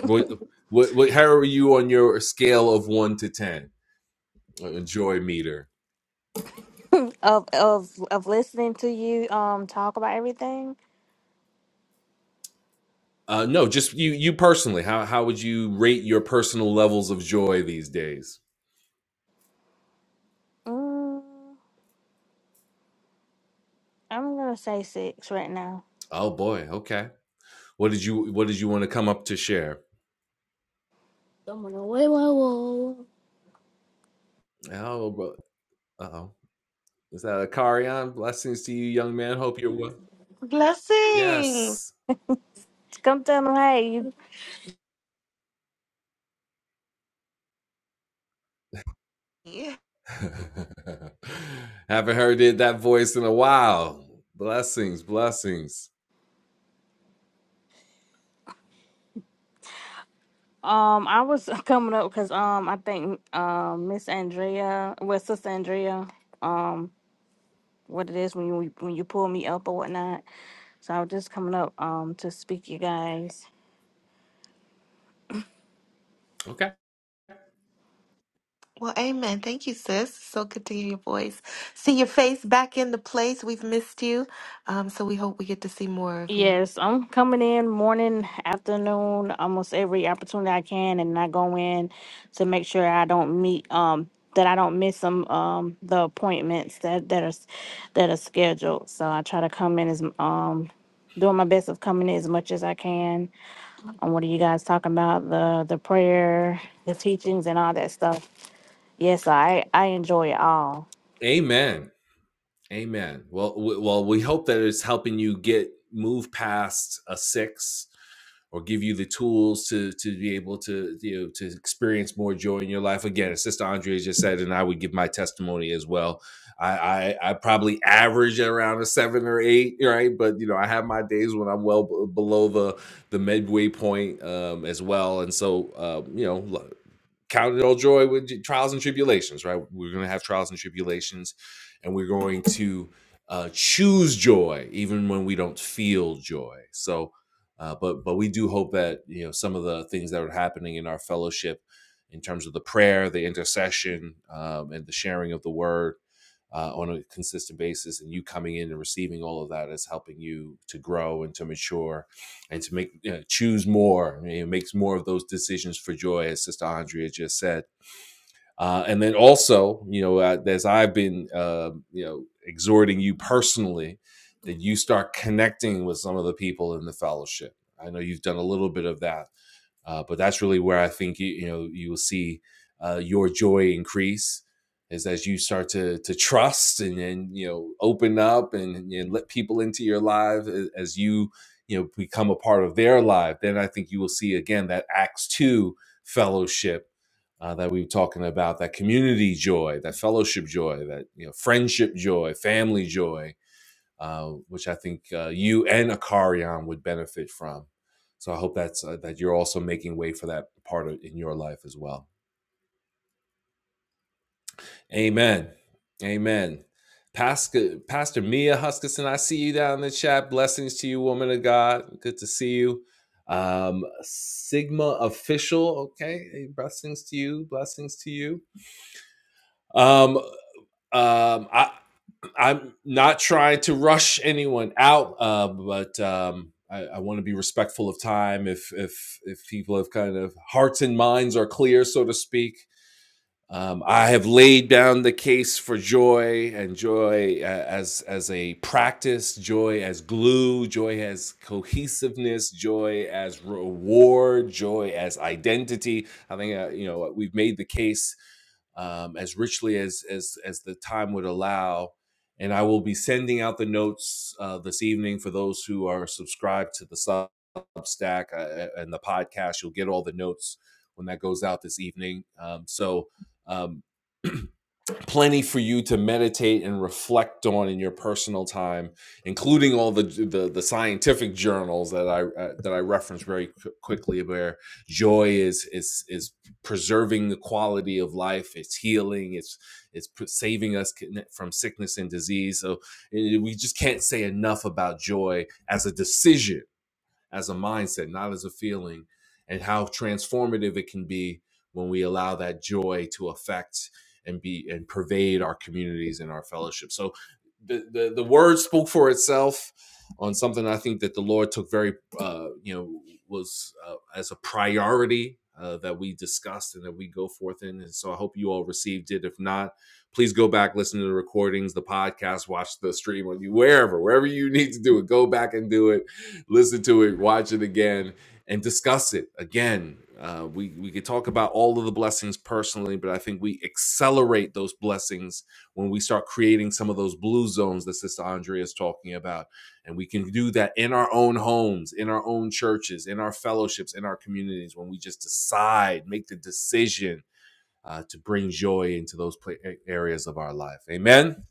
What, what, what, how are you on your scale of one to ten? A joy meter.
of of of listening to you um talk about everything.
Uh, no, just you, you personally. How how would you rate your personal levels of joy these days?
Mm, I'm gonna say six right now.
Oh boy, okay. What did you What did you want to come up to share?
Someone away, whoa, whoa.
Oh, bro. Uh oh. Is that a Carion? Blessings to you, young man. Hope you're well.
Blessings.
Yes.
Come tell them hey, you.
Yeah.
Haven't heard that voice in a while. Blessings, blessings.
Um, I was coming up because um, I think um, Miss Andrea, well, Sister Andrea, um, what it is when you when you pull me up or whatnot. So I was just coming up um to speak, you guys.
Okay.
Well, amen. Thank you, sis. So good to hear your voice. See your face back in the place. We've missed you. Um, so we hope we get to see more of you.
Yes, I'm coming in morning, afternoon, almost every opportunity I can, and I go in to make sure I don't meet um that I don't miss some um the appointments that that are s- that are scheduled. So I try to come in as um doing my best of coming in as much as I can on what are you guys talking about the the prayer, the teachings, and all that stuff. Yes, I I enjoy it all.
Amen. Amen. Well, w- well, we hope that it's helping you get move past a six, or give you the tools to to be able to you know to experience more joy in your life. Again, as Sister Andrea just said, and I would give my testimony as well. I I, I probably average at around a seven or eight, right? But you know, I have my days when I'm well b- below the the midway point um, as well, and so um, you know count it all joy with trials and tribulations, right? We're going to have trials and tribulations, and we're going to uh, choose joy even when we don't feel joy. So, uh, but but we do hope that you know some of the things that are happening in our fellowship, in terms of the prayer, the intercession, um, and the sharing of the word. Uh, on a consistent basis, and you coming in and receiving all of that is helping you to grow and to mature and to make you know, choose more, you know, makes more of those decisions for joy, as Sister Andrea just said. Uh, and then also, you know, uh, as I've been, uh, you know, exhorting you personally, that you start connecting with some of the people in the fellowship. I know you've done a little bit of that uh, but that's really where I think you, you know you will see uh, your joy increase is as you start to to trust and, and you know open up and and let people into your life as you you know become a part of their life. Then I think you will see again that Acts two fellowship uh, that we were talking about, that community joy, that fellowship joy, that you know friendship joy, family joy uh, which I think uh, you and Akarian would benefit from. So I hope that's uh, that you're also making way for that part of, in your life as well. Amen. Amen. Pastor, Pastor Mia Huskisson, I see you down in the chat. Blessings to you, woman of God. Good to see you. Um, Sigma official, okay. Hey, Blessings to you. Blessings to you. Um, um, I, I'm not trying to rush anyone out, uh, but um, I, I want to be respectful of time. If if if people have kind of hearts and minds are clear, so to speak, um, I have laid down the case for joy and joy uh, as as a practice, joy as glue, joy as cohesiveness, joy as reward, joy as identity. I think uh, you know we've made the case um, as richly as as as the time would allow. And I will be sending out the notes uh, this evening for those who are subscribed to the Substack uh, and the podcast. You'll get all the notes when that goes out this evening. Um, so um, plenty for you to meditate and reflect on in your personal time, including all the the, the scientific journals that I uh, that I referenced very qu- quickly, where joy is is is preserving the quality of life, it's healing, it's it's saving us from sickness and disease. So eh, we just can't say enough about joy as a decision as a mindset, not as a feeling, and how transformative it can be when we allow that joy to affect and be and pervade our communities and our fellowship. So the the, the word spoke for itself on something I think that the Lord took very uh, you know was uh, as a priority. Uh, that we discussed and that we go forth in. And so I hope you all received it. If not, please go back, listen to the recordings, the podcast, watch the stream on you, wherever, wherever you need to do it. Go back and do it listen to it, watch it again, and discuss it again. Uh, we we could talk about all of the blessings personally, but I think we accelerate those blessings when we start creating some of those blue zones that Sister Andrea is talking about, and we can do that in our own homes, in our own churches, in our fellowships, in our communities. When we just decide, make the decision uh, to bring joy into those pla- areas of our life. Amen.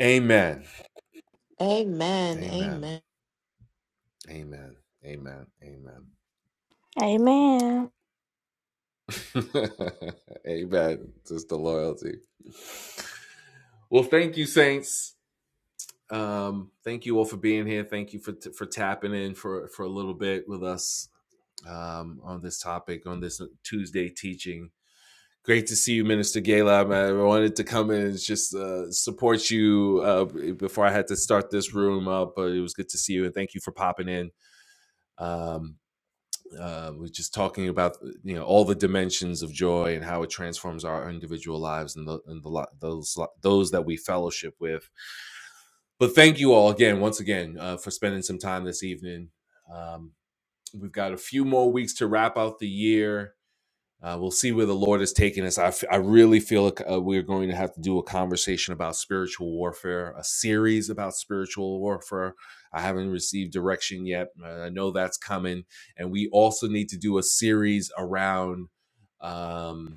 Amen.
Amen.
Amen.
Amen.
Amen. Amen. Amen.
Amen.
Amen. Just the loyalty. Well, thank you, saints. Um, thank you all for being here. Thank you for for tapping in for for a little bit with us um, on this topic on this Tuesday teaching. Great to see you, Minister Gala. I wanted to come in and just uh, support you uh, before I had to start this room up, but it was good to see you and thank you for popping in. Um, uh, we're just talking about you know all the dimensions of joy and how it transforms our individual lives and the and the lo- those lo- those that we fellowship with. But thank you all again, once again, uh, for spending some time this evening. Um, we've got a few more weeks to wrap out the year uh, we'll see where the Lord is taking us. I, f- I really feel like uh, we're going to have to do a conversation about spiritual warfare, a series about spiritual warfare. I haven't received direction yet. uh, I know that's coming. And we also need to do a series around. Um,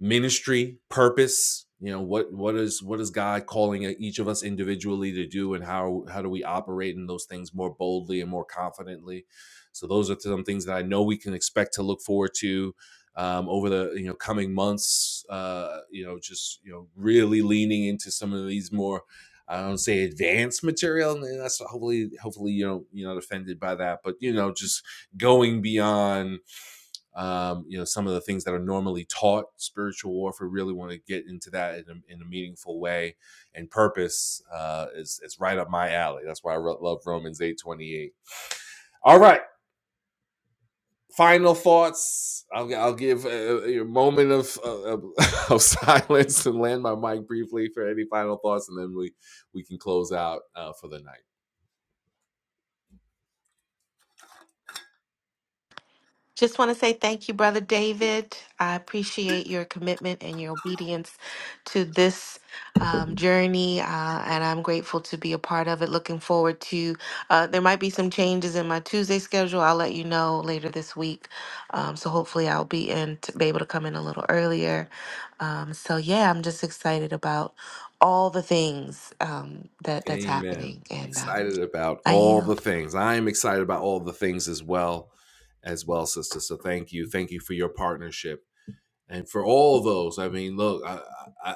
ministry purpose you know what what is what is god calling e-, each of us individually to do and how how do we operate in those things more boldly and more confidently so those are some things that i know we can expect to look forward to um, over the you know coming months uh, you know just you know really leaning into some of these more i don't say advanced material and that's hopefully hopefully you know you're not offended by that but you know just going beyond um, you know some of the things that are normally taught spiritual warfare really want to get into that in a, in a meaningful way and purpose uh, is, is right up my alley that's why i love romans 8.28 all right final thoughts i'll, I'll give a, a moment of, uh, of, of silence and land my mic briefly for any final thoughts and then we, we can close out uh, for the night
Just want to say thank you, Brother David. I appreciate your commitment and your obedience to this um, journey, uh, and I'm grateful to be a part of it. Looking forward to, uh, there might be some changes in my Tuesday schedule. I'll let you know later this week. Um, so hopefully I'll be in to be able to come in a little earlier. Um, so yeah, I'm just excited about all the things um, that that's
Amen.
happening, and uh,
Excited about
I
all the
yield.
things. I am excited about all the things as well, as well, sister. So thank you. Thank you for your partnership and for all those, I mean, look, I I, I-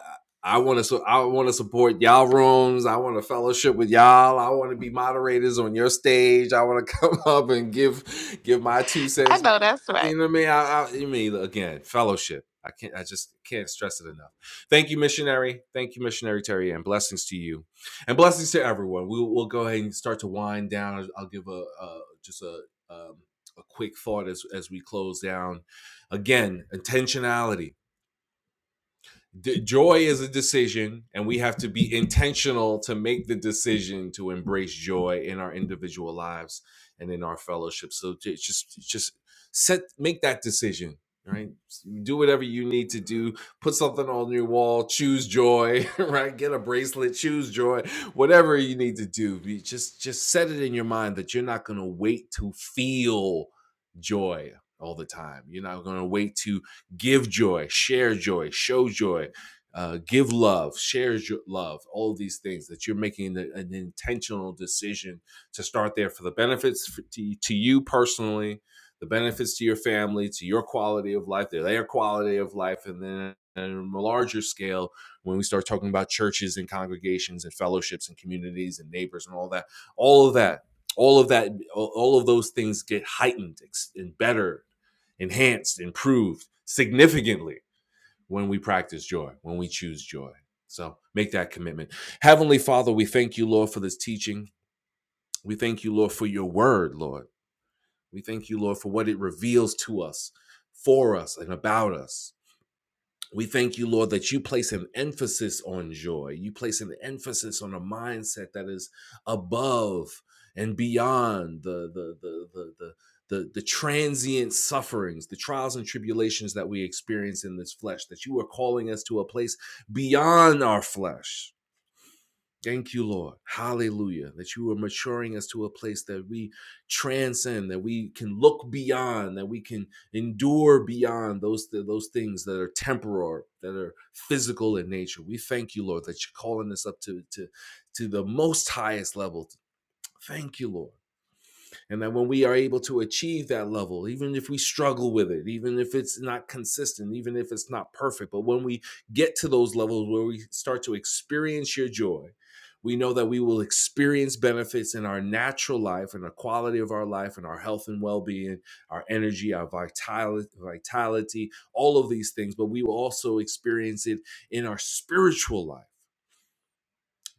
want to I want to support y'all rooms. I want to fellowship with y'all. I want to be moderators on your stage. I want to come up and give give my two
I
cents.
know that's right.
You know what I mean? I, I you mean again fellowship. I can't. I just can't stress it enough. Thank you, missionary. Thank you, missionary Terry, and blessings to you, and blessings to everyone. We'll, we'll go ahead and start to wind down. I'll give a, a just a um, a quick thought as as we close down Again, intentionality. D- joy is a decision, and we have to be intentional to make the decision to embrace joy in our individual lives and in our fellowship. So j- just, just set, make that decision. Right, do whatever you need to do. Put something on your wall. Choose joy. Right, get a bracelet. Choose joy. Whatever you need to do, be- just just set it in your mind that you're not going to wait to feel joy all the time. You're not going to wait to give joy, share joy, show joy, uh, give love, share jo- love, all these things that you're making the, an intentional decision to start there for the benefits for, to, to you personally, the benefits to your family, to your quality of life, their, their quality of life, and then on a larger scale, when we start talking about churches and congregations and fellowships and communities and neighbors and all that, all of that all of that all of those things get heightened and better enhanced, improved significantly when we practice joy, when we choose joy. So make that commitment. Heavenly Father, we thank you, Lord, for this teaching. We thank you, Lord, for your word, Lord. We thank you, Lord, for what it reveals to us, for us, and about us. We thank you, Lord, that you place an emphasis on joy. You place an emphasis on a mindset that is above and beyond the the the the the the, the transient sufferings, the trials and tribulations that we experience in this flesh, that you are calling us to a place beyond our flesh, Thank you, Lord. Hallelujah. That you are maturing us to a place that we transcend, that we can look beyond, that we can endure beyond those, those things that are temporal, that are physical in nature. We thank you, Lord, that you're calling us up to, to, to the most highest level. Thank you, Lord. And that when we are able to achieve that level, even if we struggle with it, even if it's not consistent, even if it's not perfect, but when we get to those levels where we start to experience your joy, we know that we will experience benefits in our natural life and the quality of our life and our health and well being, our energy, our vitality, vitality, all of these things, but we will also experience it in our spiritual life.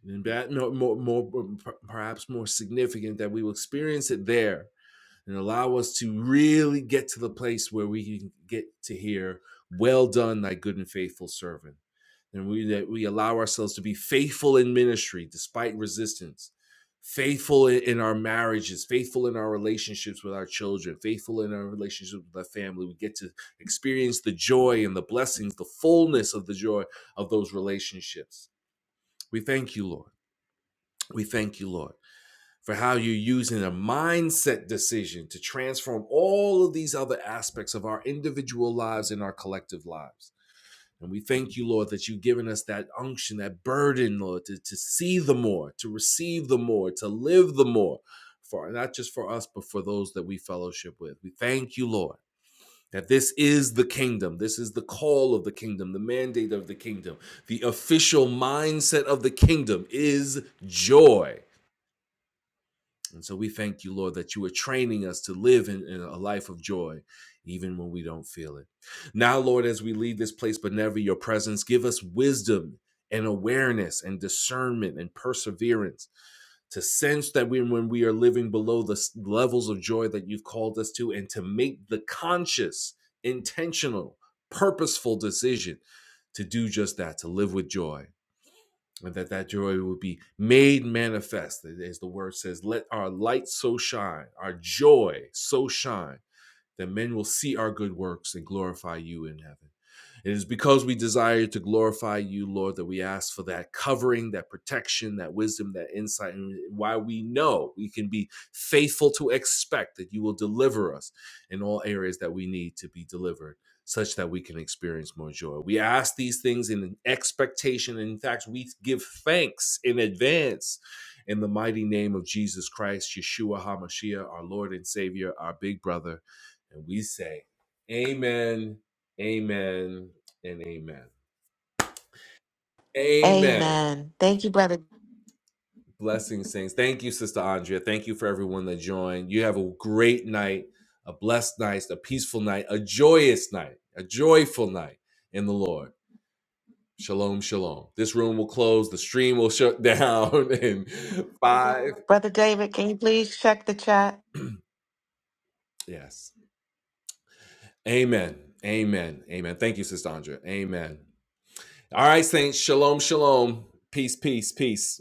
And that, no, more, more, perhaps more significant, that we will experience it there and allow us to really get to the place where we can get to hear, Well done, thy good and faithful servant. And we, that we allow ourselves to be faithful in ministry despite resistance, faithful in, our marriages, faithful in our relationships with our children, faithful in our relationships with our family. We get to experience the joy and the blessings, the fullness of the joy of those relationships. We thank you, Lord. We thank you, Lord for how you're using a mindset decision to transform all of these other aspects of our individual lives and our collective lives. And we thank you, Lord, that you've given us that unction, that burden, Lord, to, to see the more, to receive the more, to live the more, for not just for us, but for those that we fellowship with. We thank you, Lord. That this is the kingdom. This is the call of the kingdom, the mandate of the kingdom. The official mindset of the kingdom is joy. And so we thank you, Lord, that you are training us to live in, in a life of joy, even when we don't feel it. Now, Lord, as we leave this place, but never your presence, give us wisdom and awareness and discernment and perseverance to sense that we, when we are living below the levels of joy that you've called us to, and to make the conscious, intentional, purposeful decision to do just that, to live with joy and that that joy will be made manifest as the word says let our light so shine our joy so shine that men will see our good works and glorify you in heaven it is because we desire to glorify you, Lord, that we ask for that covering, that protection, that wisdom, that insight, and why we know we can be faithful to expect that you will deliver us in all areas that we need to be delivered, such that we can experience more joy. We ask these things in expectation. And in fact, we give thanks in advance in the mighty name of Jesus Christ, Yeshua HaMashiach, our Lord and Savior, our big brother. And we say, Amen Amen and amen. Amen.
Amen. Thank you, brother.
Blessings, saints. Thank you, Sister Andrea. Thank you for everyone that joined. You have a great night, a blessed night, a peaceful night, a joyous night, a joyful night in the Lord. Shalom, shalom. This room will close. The stream will shut down in five.
Brother David, can you please check the chat?
Yes. Amen. Amen. Amen. Thank you, Sister Andrea. Amen. All right, saints. Shalom, shalom. Peace, peace, peace.